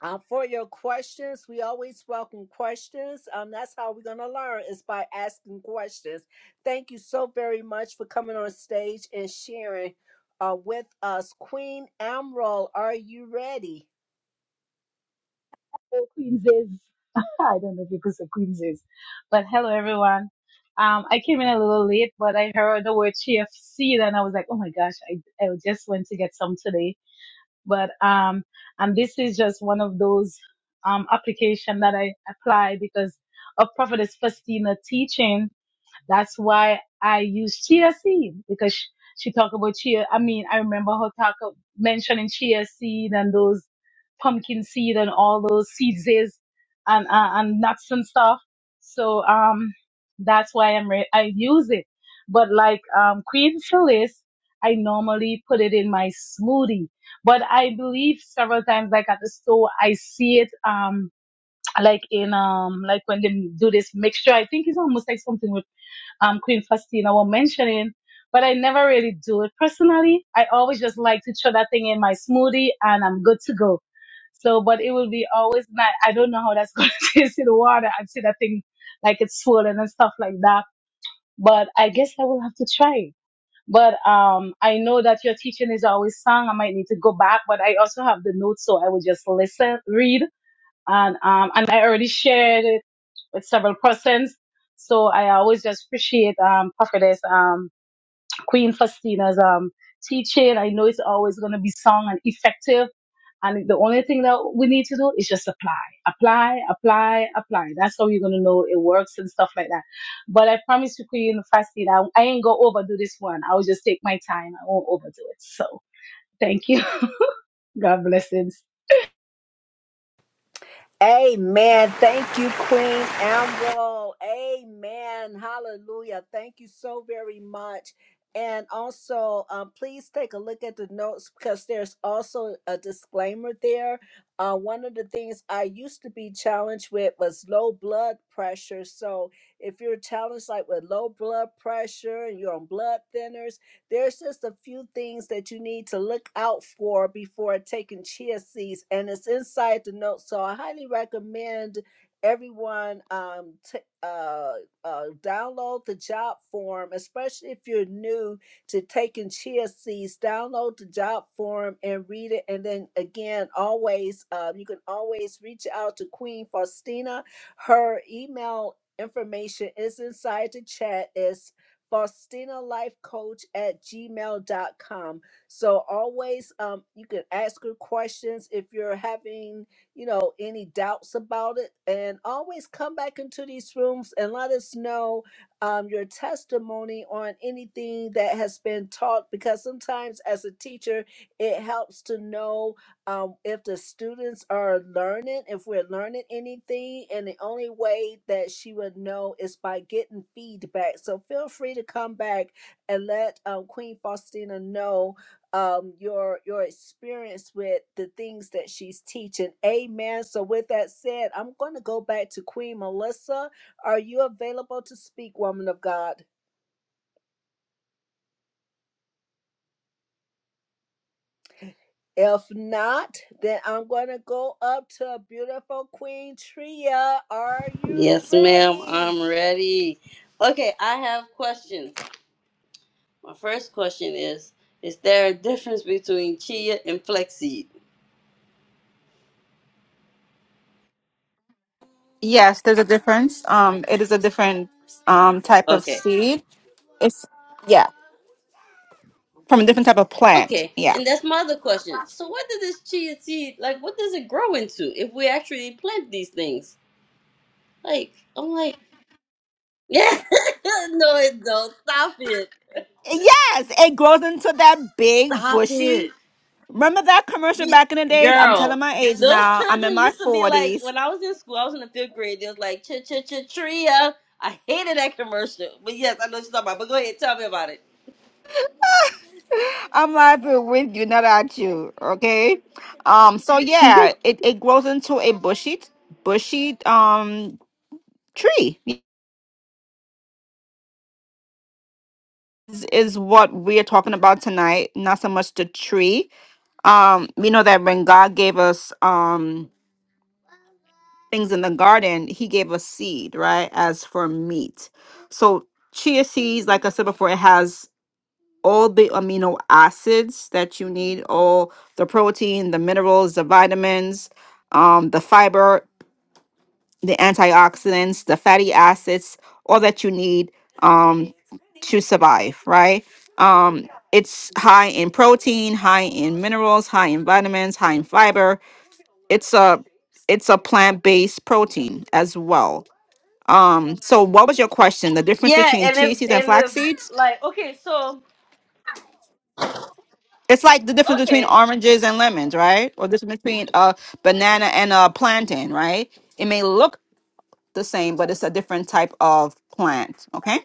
Uh, for your questions, we always welcome questions. Um, that's how we're going to learn is by asking questions. Thank you so very much for coming on stage and sharing uh, with us. Queen Amroll, are you ready?
Oh, Queenses. I don't know if you could say Queenses, but hello everyone. Um, I came in a little late, but I heard the word GFC and I was like, oh my gosh, I, I just went to get some today. But, um, and this is just one of those, um, application that I apply because of Prophetess Faustina teaching that's why I use chia seed because she, she talked about chia. I mean, I remember her talk of mentioning chia seed and those pumpkin seed and all those seeds is and, uh, and nuts and stuff. So, um, that's why I'm, re- I use it. But like, um, Queen Phyllis, I normally put it in my smoothie, but I believe several times, like at the store, I see it, um, like in um like when they do this mixture i think it's almost like something with um, Queen Faustina were mentioning, but I never really do it personally. I always just like to throw that thing in my smoothie and I'm good to go. So, but it will be always not, I don't know how that's going to taste in the water. I see that thing like it's swollen and stuff like that. But I guess I will have to try it. But um, I know that your teaching is always sung. I might need to go back, but I also have the notes, so I will just listen, read, and um, and I already shared it with several persons. So I always just appreciate um, Prophetess um, Queen Faustina's um, teaching. I know it's always going to be sung and effective. And the only thing that we need to do is just apply, apply, apply, apply. That's how you're going to know it works and stuff like that. But I promise you, Queen Faustina, I, ain't going to overdo this one. I will just take my time. I won't overdo it. So thank you. God blessings.
Amen. Thank you, Queen Ambrose. Amen. Hallelujah. Thank you so very much. And also, um, please take a look at the notes because there's also a disclaimer there. Uh, one of the things I used to be challenged with was low blood pressure. So, if you're challenged like with low blood pressure and you're on blood thinners, there's just a few things that you need to look out for before taking chia seeds, and it's inside the notes. So I highly recommend everyone um, t- uh, uh, download the job form, especially if you're new to taking chia seeds. Download the job form and read it, and then again, always uh, you can always reach out to Queen Faustina. Her email information is inside the chat. It's faustina life coach at Gmail dot com. so always um, you can ask her questions if you're having you know any doubts about it and always come back into these rooms and let us know um, your testimony on anything that has been taught because sometimes as a teacher it helps to know um, if the students are learning, if we're learning anything, and the only way that she would know is by getting feedback. So feel free to come back and let um, Queen Faustina know um, your your experience with the things that she's teaching. Amen. So with that said, I'm going to go back to Queen Melissa. Are you available to speak, woman of God? If not, then I'm going to go up to beautiful Queen Tria. Are you
Yes, ma'am.
ready?
I'm ready. Okay, I have questions. My first question is Is there a difference between chia and flaxseed?
Yes, there's a difference. Um, it is a different um, type of
Okay.
seed. It's, yeah, from a different type of plant.
Okay.
Yeah.
And that's my other question. So, what does this chia seed, like, what does it grow into if we actually plant these things? Like, I'm like, yeah, no, it don't. Stop it.
Yes, it grows into that big
Stop
bushy.
it.
Remember that commercial
You-
back in the days? I'm
Girl,
telling my age
those
now. I'm in
children
my
used to be like,
40s.
when I was in school, I was in the fifth grade, they was like, chia, chia, chia, tria. I hated that commercial. But yes, I know what you're talking about. But go ahead, tell me about it.
I'm laughing with you, not at you. Okay. Um. So yeah, it, it grows into a bushy bushy um tree. Is, is what we are talking about tonight. Not so much the tree. Um. We know that when God gave us um things in the garden, He gave us seed, right, as for meat. So chia seeds, like I said before, it has all the amino acids that you need, all the protein, the minerals, the vitamins, um, the fiber, the antioxidants, the fatty acids, all that you need um, to survive, right? Um, it's high in protein, high in minerals, high in vitamins, high in fiber. It's a it's a plant-based protein as well. Um, so what was your question? The difference
Yeah,
between
and if
chia seeds and
and
flax
if
seeds?
like okay, so
It's like the difference between
okay,
oranges and lemons, right? Or the difference between a banana and a plantain, right? It may look the same, but it's a different type of plant. Okay.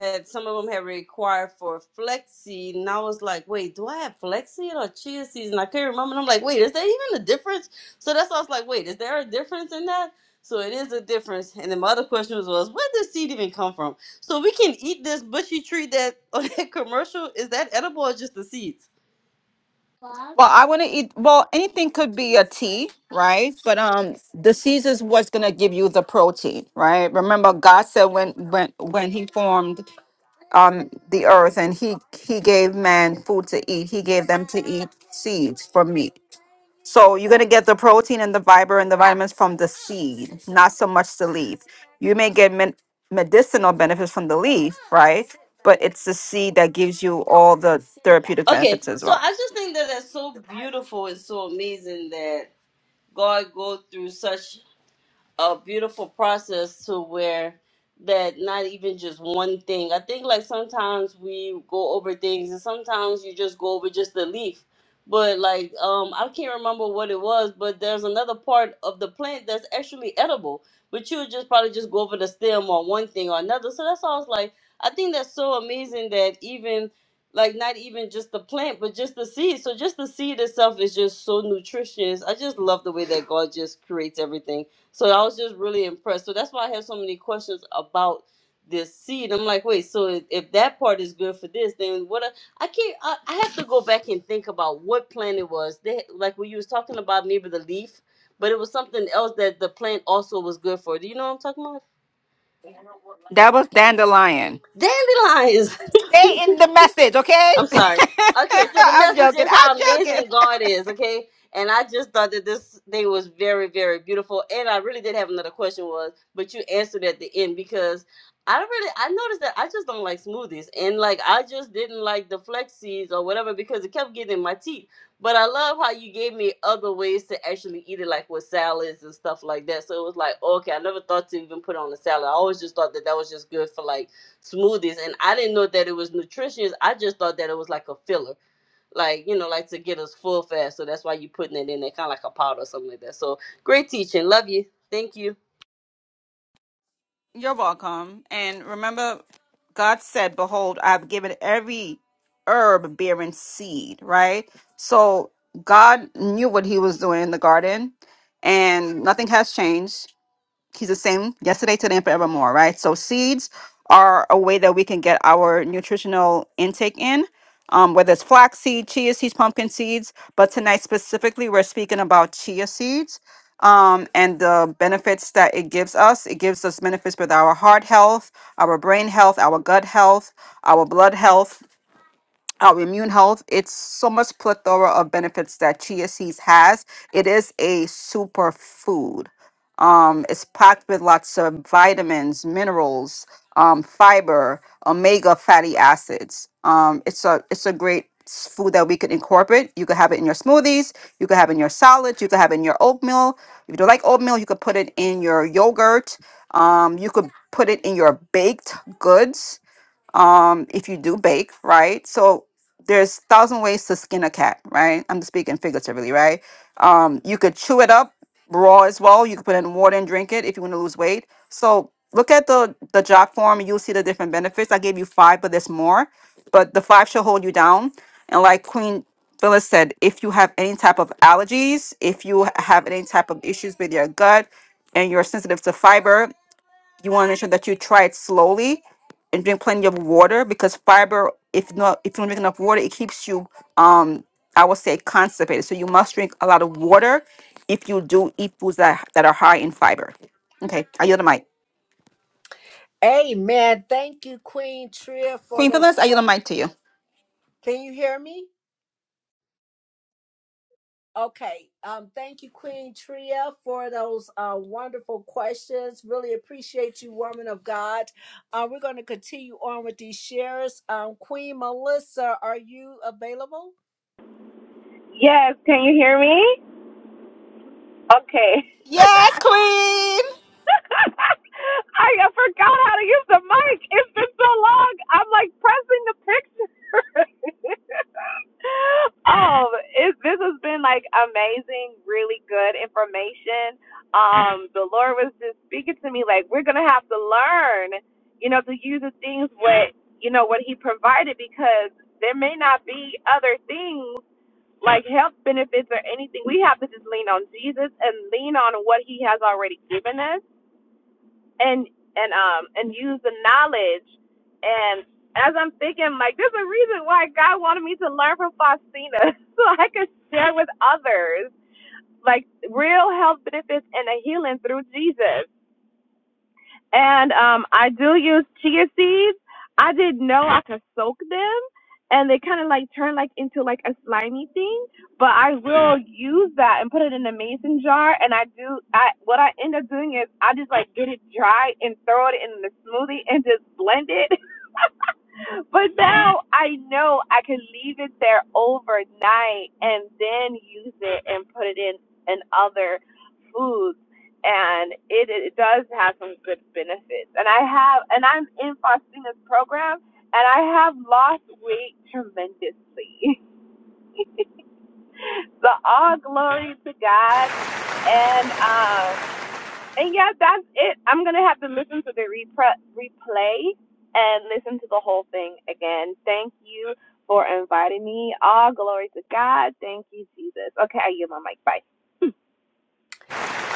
that some of them had required for flexi, and I was like, wait, do I have flexi or chia seeds? And I couldn't remember. And I'm like, wait, is there even a difference? So that's why I was like, wait, is there a difference in that? So it is a difference. And then my other question was, was where does seed even come from? So we can eat this bushy tree that on that commercial is that edible or just the seeds?
Well, I want to eat. Well, anything could be a tea, right? But um, the seeds is what's gonna give you the protein, right? Remember, God said when when when He formed um the earth and He He gave man food to eat, He gave them to eat seeds for meat So you're gonna get the protein and the fiber and the vitamins from the seed, not so much the leaf. You may get men- medicinal benefits from the leaf, right? But it's the seed that gives you all the therapeutic
Okay,
benefits as
so
well.
I just think that that's so beautiful and so amazing that God go through such a beautiful process to where that not even just one thing. I think like sometimes we go over things and sometimes you just go over just the leaf. But like um I can't remember what it was, but there's another part of the plant that's actually edible. But you would just probably just go over the stem or one thing or another. So that's all it's like I think that's so amazing that even like not even just the plant, but just the seed. So just the seed itself is just so nutritious. I just love the way that God just creates everything so I was just really impressed. So that's why I have so many questions about this seed. I'm like, wait, so if, if that part is good for this, then what? a- I can't. I, I have to go back and think about what plant it was. They like when you was talking about maybe the leaf, but it was something else that the plant also was good for. Do you know what I'm talking about?
That was dandelion.
Dandelions.
Stay in the message, okay?
I'm sorry. Okay, so the
I'm
message
joking.
is how
I'm joking.
amazing God is, okay? And I just thought that this thing was very, very beautiful. And I really did have another question was, but you answered at the end because I don't really I noticed that I just don't like smoothies. And like I just didn't like the flex seeds or whatever because it kept getting in my teeth. But I love how you gave me other ways to actually eat it, like with salads and stuff like that. So it was like, okay, I never thought to even put it on a salad. I always just thought that that was just good for like smoothies and I didn't know that it was nutritious. I just thought that it was like a filler. Like, you know, like to get us full fast. So that's why you're putting it in there, kind of like a powder or something like that. So great teaching. Love you. Thank you.
You're welcome. And remember, God said, Behold, I've given every herb bearing seed, right? So God knew what he was doing in the garden, and nothing has changed he's the same yesterday, today, and forevermore, right? So seeds are a way that we can get our nutritional intake in, um, whether it's flax seed, chia seeds, pumpkin seeds. But tonight specifically, we're speaking about chia seeds um, and the benefits that it gives us. It gives us benefits with our heart health, our brain health, our gut health, our blood health our immune health. It's so much plethora of benefits that chia seeds has. It is a superfood. Um, it's packed with lots of vitamins, minerals, um, fiber, omega fatty acids. Um, it's a it's a great s- food that we could incorporate. You could have it in your smoothies. You could have it in your salads. You could have it in your oatmeal. If you don't like oatmeal, you could put it in your yogurt. Um, you could put it in your baked goods um, if you do bake, right? So there's thousand ways to skin a cat, right? I'm speaking figuratively, right? Um, you could chew it up raw as well. You could put it in water and drink it if you want to lose weight. So look at the the jock form and you'll see the different benefits. I gave you five, but there's more. But the five should hold you down. And like Queen Phyllis said, if you have any type of allergies, if you have any type of issues with your gut and you're sensitive to fiber, you want to make sure that you try it slowly and drink plenty of water because fiber if not if you don't drink enough water it keeps you um i would say constipated so you must drink a lot of water if you do eat foods that, that are high in fiber okay i yield the mic
Amen. Thank you, Queen Tria, for
queen
those
phyllis i yield the
questions.
mic to you
Can you hear me? Okay. Um, thank you, Queen Tria, for those uh, wonderful questions. Really appreciate you, woman of God. Uh, we're going to continue on with these shares. Um, Queen Melissa, are you available?
Yes, can you hear me? Okay. I
Yes, Queen.
I forgot how to use the mic. It's been so long. I'm like pressing the picture. Oh, it, this has been like amazing, really good information. Um, the Lord was just speaking to me like we're gonna have to learn, you know, to use the things what you know what He provided because there may not be other things like health benefits or anything. We have to just lean on Jesus and lean on what He has already given us, and and um and use the knowledge. And as I'm thinking, like there's a reason why God wanted me to learn from Faustina, so I could share with others like real health benefits and a healing through Jesus and um, I do use chia seeds. I didn't know I could soak them, and they kind of like turn like into like a slimy thing. But I will use that and put it in a mason jar. And I do. I what I end up doing is I just like get it dry and throw it in the smoothie and just blend it. but now I know I can leave it there overnight and then use it and put it in in other foods and it, it does have some good benefits. And I have, and I'm in Faustina's program, and I have lost weight tremendously. so all glory to God. And um, and yeah, that's it. I'm gonna have to listen to the repre- replay and listen to the whole thing again. Thank you for inviting me. All glory to God. Thank you, Jesus. Okay, I yield my mic. Bye.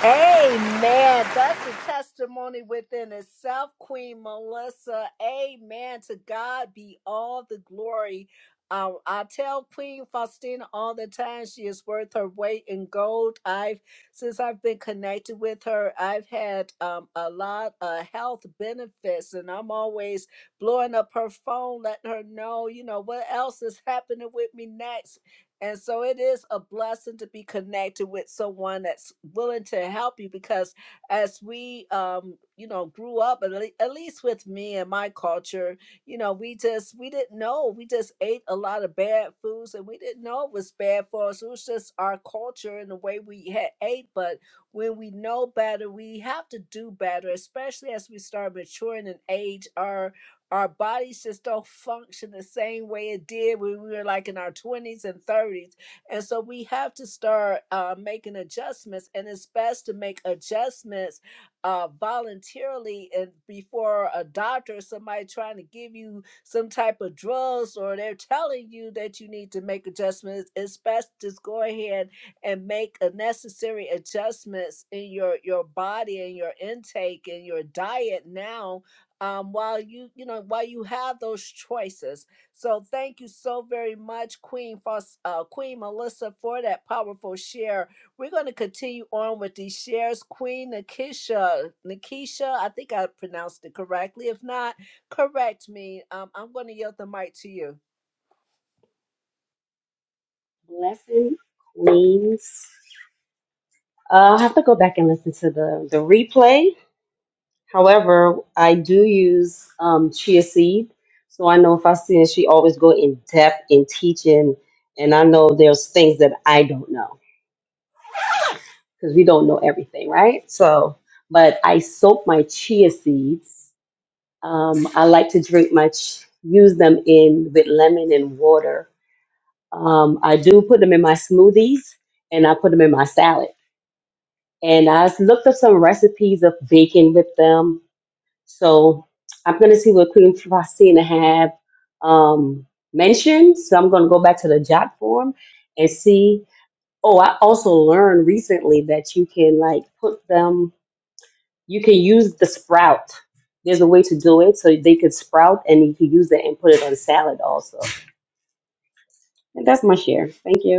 Amen. That's a testimony within itself, Queen Melissa. Amen. To God be all the glory. Uh, I tell Queen Faustina all the time she is worth her weight in gold. I've since I've been connected with her, I've had um, a lot of health benefits, and I'm always blowing up her phone, letting her know, you know, what else is happening with me next and so it is a blessing to be connected with someone that's willing to help you because as we um you know grew up at, le- at least with me and my culture, you know, we just we didn't know. We just ate a lot of bad foods and we didn't know it was bad for us. It was just our culture and the way we had ate, but when we know better, we have to do better, especially as we start maturing in age. our. Our bodies just don't function the same way it did when we were like in our 20s and 30s. And so we have to start uh, making adjustments, and it's best to make adjustments uh, voluntarily and before a doctor or somebody trying to give you some type of drugs or they're telling you that you need to make adjustments. It's best to just go ahead and make a necessary adjustments in your your body and your intake and your diet now um, while you you know while you have those choices. So thank you so very much, Queen Faus- uh, Queen Melissa, for that powerful share. We're going to continue on with these shares. Queen Nikisha, Nikisha, I think I pronounced it correctly. If not, correct me. Um, I'm going to yield the mic to you.
Blessing Queens. Uh, i have to go back and listen to the, the replay. However, I do use um, chia seed. So I know if I see it, she always go in depth in teaching. And I know there's things that I don't know because we don't know everything, right? So, but I soak my chia seeds. Um, I like to drink my, ch- use them in with lemon and water. Um, I do put them in my smoothies and I put them in my salad. and I looked up some recipes of baking with them. So I'm gonna see what Queen Faustina have um, mentioned. So I'm gonna go back to the jot form and see. Oh, I also learned recently that you can like put them. You can use the sprout. There's a way to do it so they could sprout, and you can use that and put it on salad also. And that's my share. Thank you.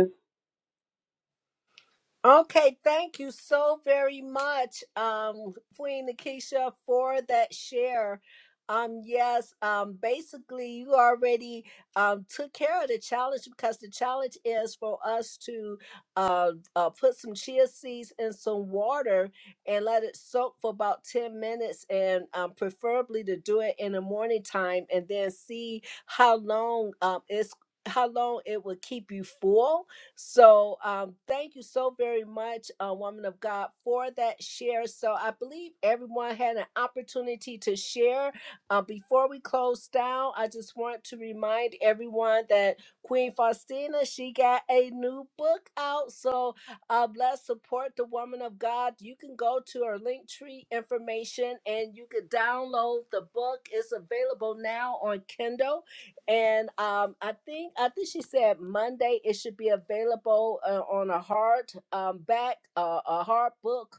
Okay, thank you so very much, um, Queen Nakisha, for that share. Um, yes, um, basically, you already um, took care of the challenge because the challenge is for us to uh, uh, put some chia seeds in some water and let it soak for about 10 minutes, and um, preferably to do it in the morning time and then see how long um, it's. How long it will keep you full, so um, thank you so very much, uh, woman of God, for that share. So I believe everyone had an opportunity to share. Uh, before we close down, I just want to remind everyone that Queen Faustina she got a new book out. So uh, let's support the woman of God. You can go to her link tree information and you can download the book. It's available now on Kindle and um, I think I think she said Monday it should be available uh, on a hard um, back uh, a hard book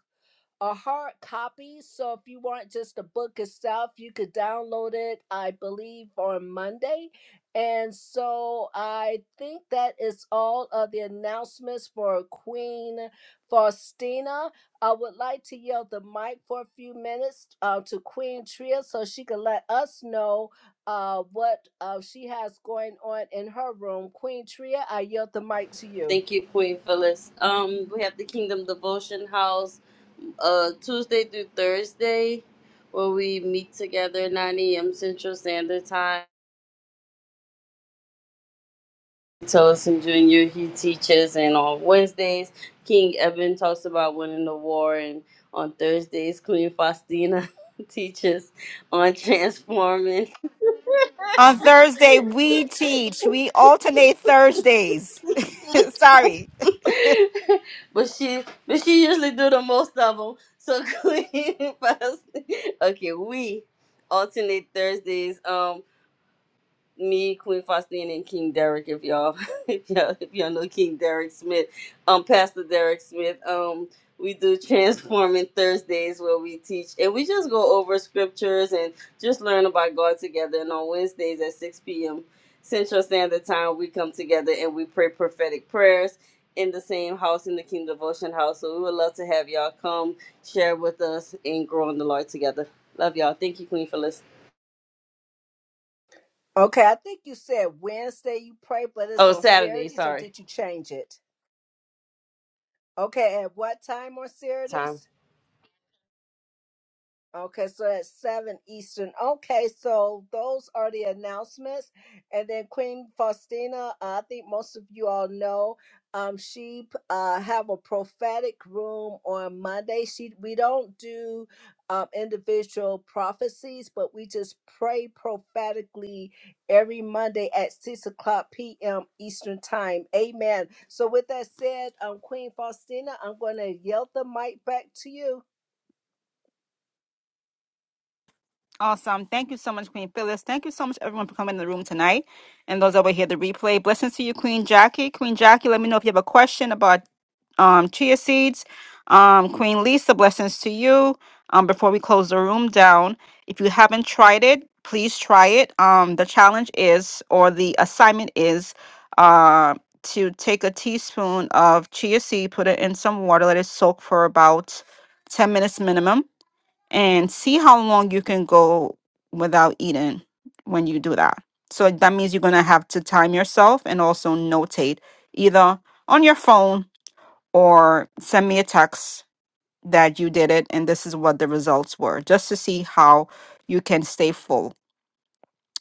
a hard copy. So if you want just the book itself, you could download it, I believe, on Monday. And so I think that is all of the announcements for Queen Faustina. I would like to yield the mic for a few minutes uh, to Queen Tria so she can let us know uh, what uh, she has going on in her room. Queen Tria, I yield the mic to you.
Thank you, Queen Phyllis. Um, we have the Kingdom Devotion House uh Tuesday through Thursday where we meet together 9 a.m. Central Standard Time. Tillison Jr. He teaches, and on Wednesdays, King Eben talks about winning the war, and on Thursdays, Queen Faustina teaches on transforming.
On Thursday, we teach. We alternate Thursdays. Sorry.
but she, but she usually do the most of them. So Queen Faustina. Okay, we alternate Thursdays. Um, me, Queen Faustine, and King Derek. If y'all, if y'all, if y'all know King Derek Smith, um, Pastor Derek Smith, um, we do Transforming Thursdays where we teach and we just go over scriptures and just learn about God together. And on Wednesdays at six p.m. Central Standard Time, we come together and we pray prophetic prayers in the same house in the King Devotion House. So we would love to have y'all come share with us and grow in the Lord together. Love y'all. Thank you, Queen Phyllis.
Okay, I think you said Wednesday you pray, but it's
Oh,
on
Saturday.
Saturday, so
Sorry.
did you change it? Okay, at what time on
Time.
Saturdays? Okay, so at 7 Eastern. Okay, so those are the announcements. And then Queen Faustina, uh, I think most of you all know, um, she uh, have a prophetic room on Monday. She We don't do um, individual prophecies, but we just pray prophetically every Monday at 6 o'clock p.m. Eastern Time. Amen. So with that said, um, Queen Faustina, I'm going to yield the mic back to you.
Awesome. Thank you so much, Queen Phyllis. Thank you so much, everyone, for coming in the room tonight and those that will hear the replay. Blessings to you, Queen Jackie. Queen Jackie, let me know if you have a question about um, chia seeds. Um, Queen Lisa, blessings to you. Um, before we close the room down, if you haven't tried it, please try it. Um, the challenge is, or the assignment is, uh, to take a teaspoon of chia seed, put it in some water, let it soak for about 10 minutes minimum and see how long you can go without eating when you do that. So that means you're going to have to time yourself and also notate either on your phone or send me a text that you did it and this is what the results were just to see how you can stay full.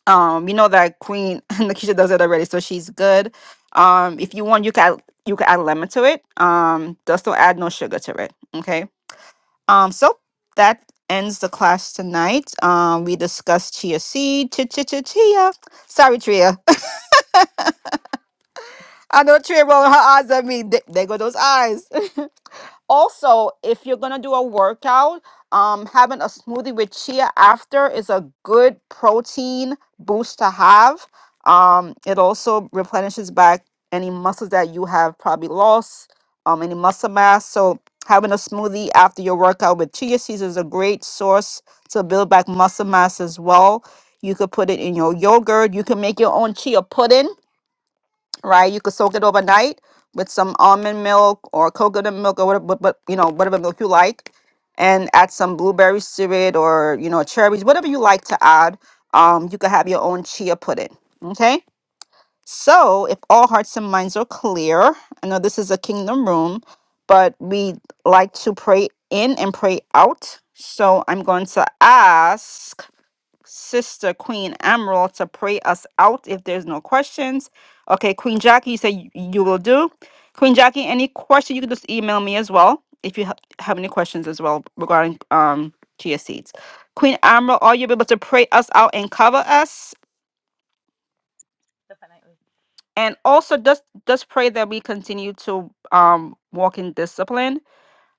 Um, you know that Queen Nakisha does it already, so she's good. Um, if you want, you can add, you can add lemon to it. Um, just don't add no sugar to it. Okay um, so that ends the class tonight. Um, we discussed chia seed, chia chia chia chia. Sorry, Tria. I know Tria rolling her eyes at me. Th- There go those eyes. Also, if you're gonna do a workout, um, having a smoothie with chia after is a good protein boost to have. Um, it also replenishes back any muscles that you have probably lost, um, any muscle mass. So having a smoothie after your workout with chia seeds is a great source to build back muscle mass as well. You could put it in your yogurt. You can make your own chia pudding right? You could soak it overnight with some almond milk or coconut milk or whatever, but, you know, whatever milk you like, and add some blueberry syrup or you know, cherries, whatever you like to add. Um, you could have your own chia pudding. Okay. So, if all hearts and minds are clear, I know this is a kingdom room, but we like to pray in and pray out. So, I'm going to ask sister Queen Emerald to pray us out if there's no questions. Okay, Queen Jackie, you say you, you will do. Queen Jackie, any question you can just email me as well if you ha- have any questions as well regarding um chia seeds. Queen Emerald, are you able to pray us out and cover us?
Definitely.
And also just just pray that we continue to um walk in discipline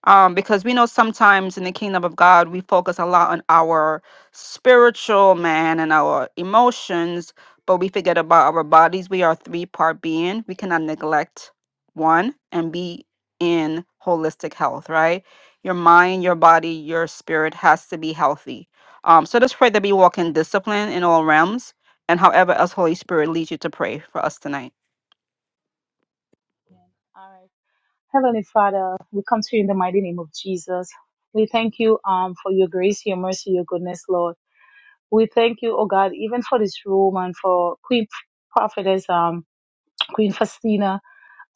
um, because we know sometimes in the kingdom of God, we focus a lot on our spiritual man and our emotions, but we forget about our bodies. We are three part being. We cannot neglect one and be in holistic health, right? Your mind, your body, your spirit has to be healthy. Um, so just pray that we walk in discipline in all realms and however else Holy Spirit leads you to pray for us tonight.
Yeah. All right. Heavenly Father, we come to you in the mighty name of Jesus. We thank you um, for your grace, your mercy, your goodness, Lord. We thank you, oh God, even for this room and for Queen Prophetess, um, Queen Faustina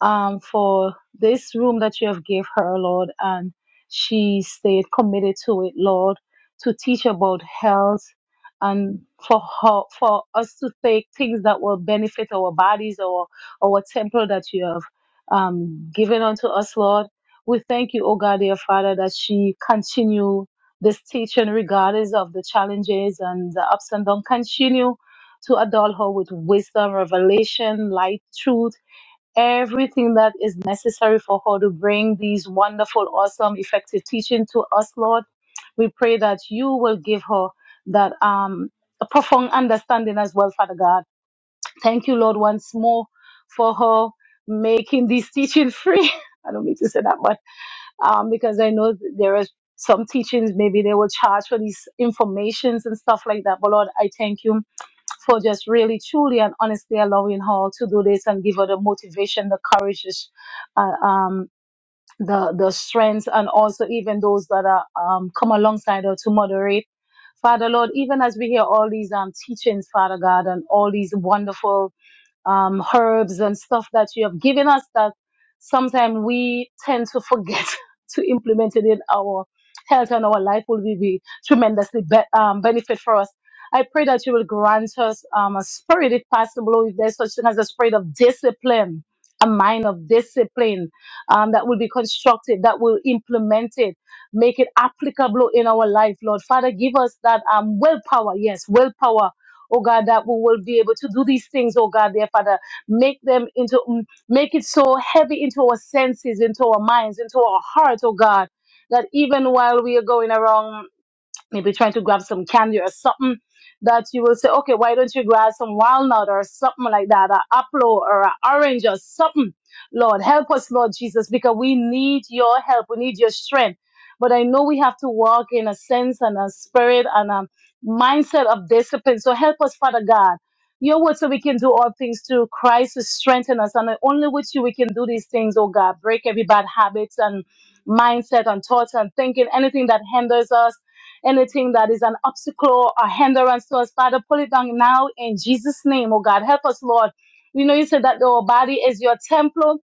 um, for this room that you have gave her, Lord, and she stayed committed to it, Lord, to teach about health and for her, for us to take things that will benefit our bodies or our temple that you have um, given unto us, Lord. We thank you, O God, dear Father, that she continue this teaching regardless of the challenges and the ups and downs. Continue to adult her with wisdom, revelation, light, truth everything that is necessary for her to bring these wonderful, awesome, effective teaching to us, Lord. We pray that you will give her that um, profound understanding as well, Father God. Thank you, Lord, once more for her making this teaching free. I don't mean to say that, but um, because I know th- there is some teachings, maybe they will charge for these informations and stuff like that. But Lord, I thank you for just really truly and honestly allowing her to do this and give her the motivation, the courage, the sh- uh, um, the the strength, and also even those that are um, come alongside her to moderate. Father Lord, even as we hear all these um, teachings, Father God, and all these wonderful um, herbs and stuff that you have given us that sometimes we tend to forget to implement it in our health and our life will be be tremendously be- um, benefit for us. I pray that you will grant us um, a spirit, if possible, if there's such thing as a spirit of discipline, a mind of discipline um, that will be constructed, that will implement it, make it applicable in our life, Lord. Father, give us that um, willpower, yes, willpower oh God, that we will be able to do these things, oh God, dear Father. Make them into, mm, make it so heavy into our senses, into our minds, into our hearts, oh God, that even while we are going around maybe trying to grab some candy or something that you will say, okay, why don't you grab some walnut or something like that, an apple or an orange or something. Lord, help us, Lord Jesus, because we need your help. We need your strength. But I know we have to walk in a sense and a spirit and a mindset of discipline. So help us, Father God. Your word so we can do all things through Christ who strengthen us. And only with you we can do these things, oh God. Break every bad habits and mindset and thoughts and thinking, anything that hinders us anything that is an obstacle or hindrance to us, Father, pull it down now in Jesus' name, oh God. Help us, Lord. We know you said that our body is your temple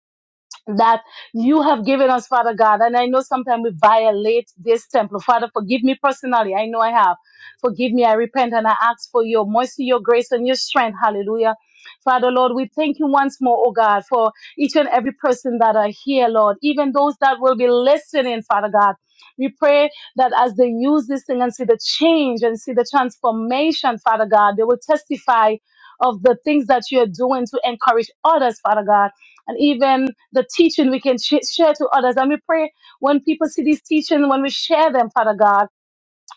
that you have given us, Father God. And I know sometimes we violate this temple. Father, forgive me personally. I know I have. Forgive me. I repent and I ask for your mercy, your grace, and your strength. Hallelujah. Father, Lord, we thank you once more, oh God, for each and every person that are here, Lord, even those that will be listening, Father God. We pray that as they use this thing and see the change and see the transformation, Father God, they will testify of the things that you're doing to encourage others, Father God and even the teaching we can sh- share to others. And we pray when people see these teachings, when we share them, Father God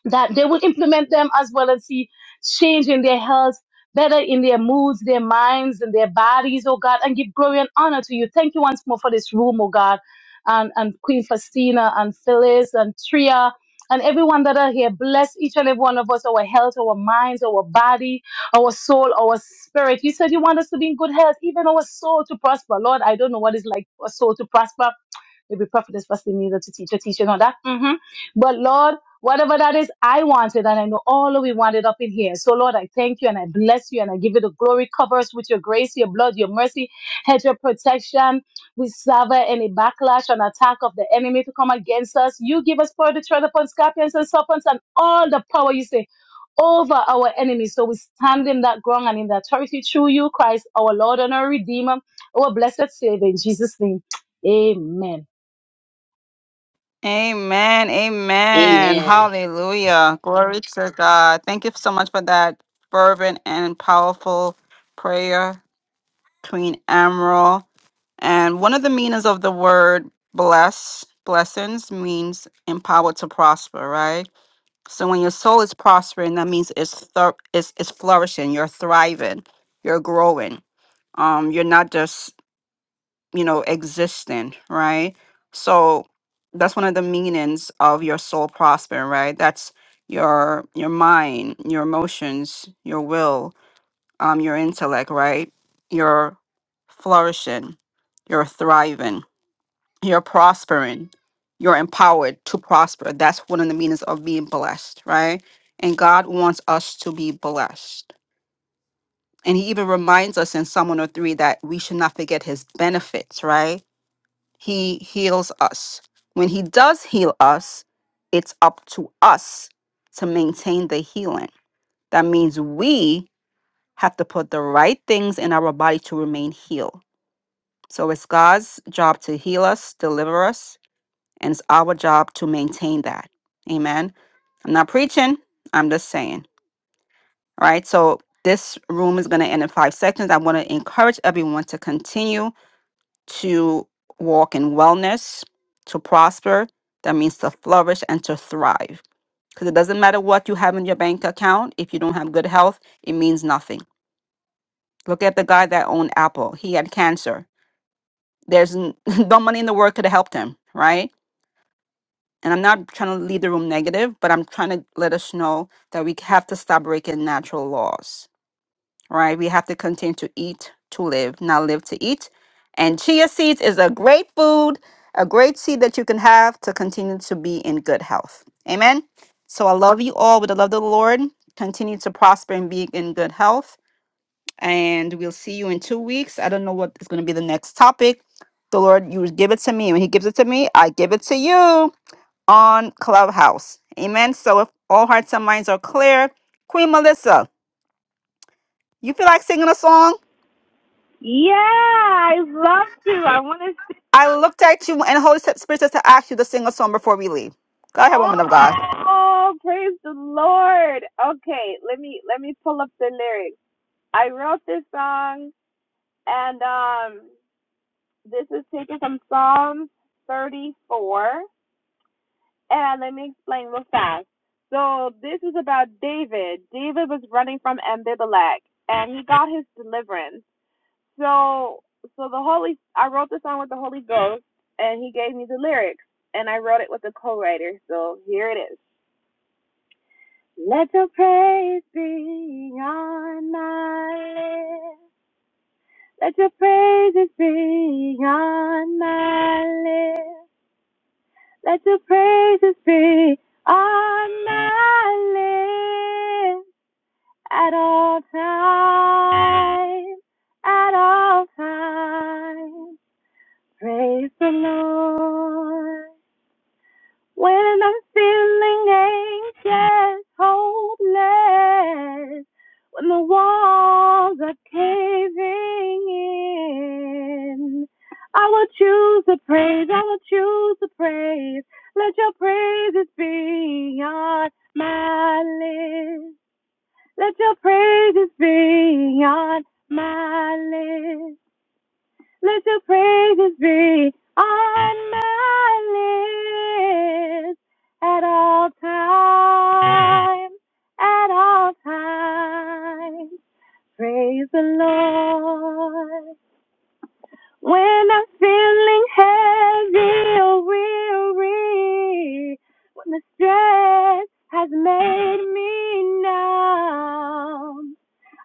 that they will implement them as well and see change in their health, better in their moods, their minds, and their bodies, oh God, and give glory and honor to you. Thank you once more for this room, oh God, and, and Queen Faustina and Phyllis and Tria. And everyone that are here, bless each and every one of us, our health, our minds, our body, our soul, our spirit. You said you want us to be in good health, even our soul to prosper. Lord, I don't know what it's like for a soul to prosper. Maybe Prophetess Faustina needed to teach a teaching on that. hmm But Lord, Whatever that is, I want it, and I know all of we want it up in here. So, Lord, I thank you and I bless you and I give you the glory. Cover us with your grace, your blood, your mercy, hedge your protection. We sever any backlash and attack of the enemy to come against us. You give us power to tread upon scorpions and serpents and all the power you say over our enemies. So we stand in that ground and in that authority through you, Christ, our Lord and our Redeemer, our blessed Savior, in Jesus' name. Amen.
Amen. Amen.
Amen.
Hallelujah. Glory to God. Thank you so much for that fervent and powerful prayer, Queen Emerald. And one of the meanings of the word bless, blessings means empowered to prosper, right? So when your soul is prospering, that means it's thir- it's, it's flourishing, you're thriving, you're growing. Um, you're not just, you know, existing, right? So that's one of the meanings of your soul prospering, right? That's your your mind, your emotions, your will, um, your intellect, right? You're flourishing, you're thriving you're prospering. You're empowered to prosper. That's one of the meanings of being blessed, right? And God wants us to be blessed. And he even reminds us in Psalm 103 that we should not forget his benefits, right? He heals us. When he does heal us, it's up to us to maintain the healing. That means we have to put the right things in our body to remain healed. So it's God's job to heal us, deliver us, And it's our job to maintain that. Amen. I'm not preaching, I'm just saying. All right. So this room is going to end in five seconds. I want to encourage everyone to continue to walk in wellness, to prosper. That means to flourish and to thrive. Because it doesn't matter what you have in your bank account, if you don't have good health, it means nothing. Look at the guy that owned Apple. He had cancer. There's n- no money in the world could have helped him, right? And I'm not trying to leave the room negative, but I'm trying to let us know that we have to stop breaking natural laws, right? We have to continue to eat to live, not live to eat. And chia seeds is a great food, a great seed that you can have to continue to be in good health. Amen. So I love you all with the love of the Lord. Continue to prosper and be in good health. And we'll see you in two weeks. I don't know what is going to be the next topic. The Lord, you give it to me. When He gives it to me, I give it to you on Clubhouse. Amen. So if all hearts and minds are clear, Queen Melissa, you feel like singing a song?
Yeah, I love to. I want to
I looked at you and Holy Spirit says to ask you to sing a song before we leave. Go ahead, woman of God.
Oh, praise the Lord. Okay, let me let me pull up the lyrics. I wrote this song and um this is taken from Psalm 34 and let me explain real fast. So this is about David. David was running from Ambibalek and he got his deliverance. So so the Holy I wrote the song with the Holy Ghost and he gave me the lyrics and I wrote it with a co-writer. So here it is. Let your praise be on my lips. Let your praises be on my lips. Let your praises be on my lips at all times. At all times, praise the Lord. When I'm feeling anxious, hopeless, when the walls are caving in, I will choose the praise, I will choose the praise. Let your praises be on my lips. Let your praises be on my lips. Let your praises be on my lips at all times, at all times. Praise the Lord. When I'm feeling heavy or weary, when the stress has made me numb,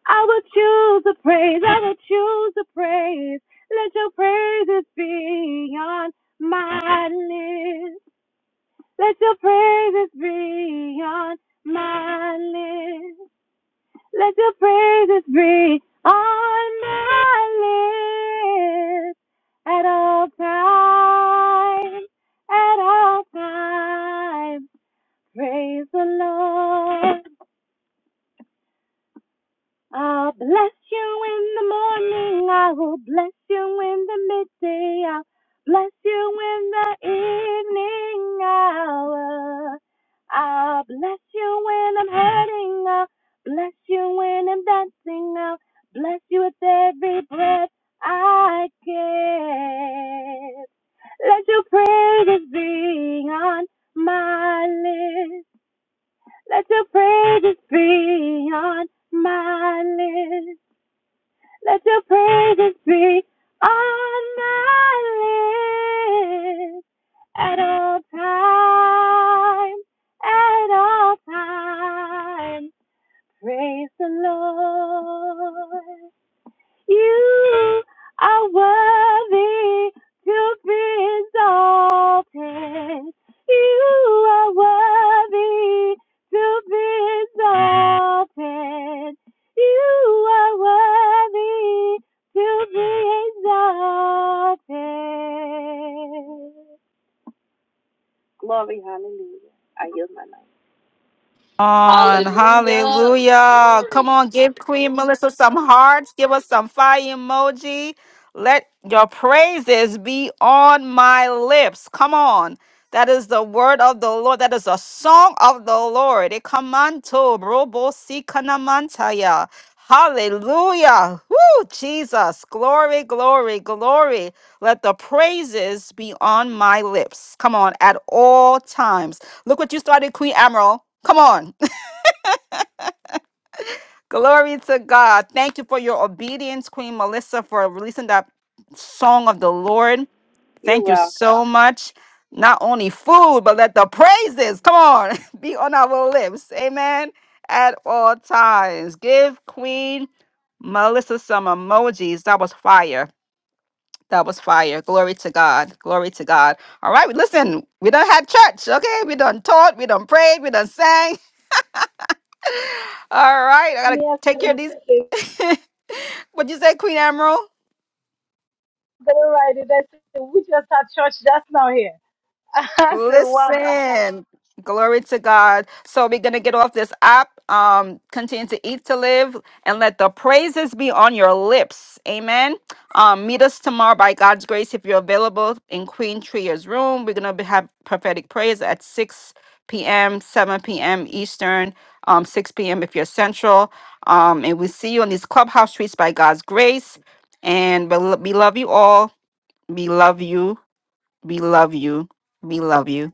I will choose to praise. I will choose to praise. Let your praises be on my lips. Let your praises be on my lips. Let your praises be on my lips at all times. At all times, praise the Lord. I'll bless you in the morning. I will bless you in the midday. I'll bless you in the evening hour. I'll bless you when I'm hurting. I'll bless you when I'm dancing. I'll bless you with every breath I give. Let your praises be on my lips. Let your praises be on my lips. Let your praises be on my lips at all times. at all times, Praise the Lord. You are worthy to be exalted. You are worthy to be exalted. You are worthy to be exalted. Glory, hallelujah. I yield my life.
on.
Hallelujah.
Hallelujah. Come
Glory.
on, give Queen Melissa some hearts. Give us some fire emoji. Let your praises be on my lips. Come on. That is the word of the Lord. That is a song of the Lord. Ekamanto brobo sikanamantaya. Hallelujah. Woo, Jesus. Glory, glory, glory. Let the praises be on my lips. Come on, at all times. Look what you started, Queen Emerald. Come on. Glory to God. Thank you for your obedience, Queen Melissa, for releasing that song of the Lord. Thank you so much. Not only food, but let the praises, come on, be on our lips. Amen. At all times. Give Queen Melissa some emojis. That was fire. That was fire. Glory to God. Glory to God. All right. Listen, we done had church. Okay. We done taught. We done prayed. We done sang. All right, I gotta take care of these. What'd you say, Queen Emerald?
All right. And I said, we just had church just now here. I said, wonderful.
Listen, glory to God. So we're gonna get off this app. Um, continue to eat to live and let the praises be on your lips. Amen. Um, meet us tomorrow by God's grace if you're available in Queen Tria's room. We're gonna be, have prophetic prayers at 6 p.m., 7 p.m. Eastern, um, 6 p.m. if you're central. Um, and we see you on these clubhouse streets by God's grace. And we lo- we love you all. We love you. We love you. We love you.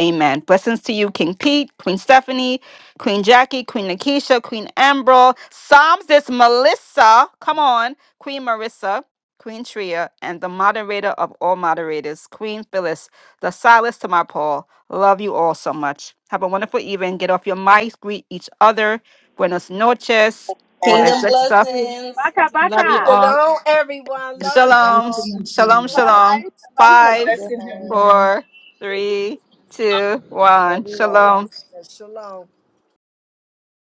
Amen. Blessings to you, King Pete, Queen Stephanie, Queen Jackie, Queen Nakisha, Queen Ambrose, Psalms is Melissa. Come on, Queen Marissa, Queen Tria, and the moderator of all moderators, Queen Phyllis, the Silas to my Paul. Love you all so much. Have a wonderful evening. Get off your mics, greet each other. Buenos noches, all that
Kingdom
good stuff.
blessings.
Baka,
Love you
baka.
all.
Shalom, everyone.
Yes,
Love you
Shalom,
all.
sir.
Be
shalom,
blessed.
shalom.
Five. That was
Bye
your
Five,
Blessing
bye.
everyone.
four, three, two, one. Shalom.
Amen. Shalom.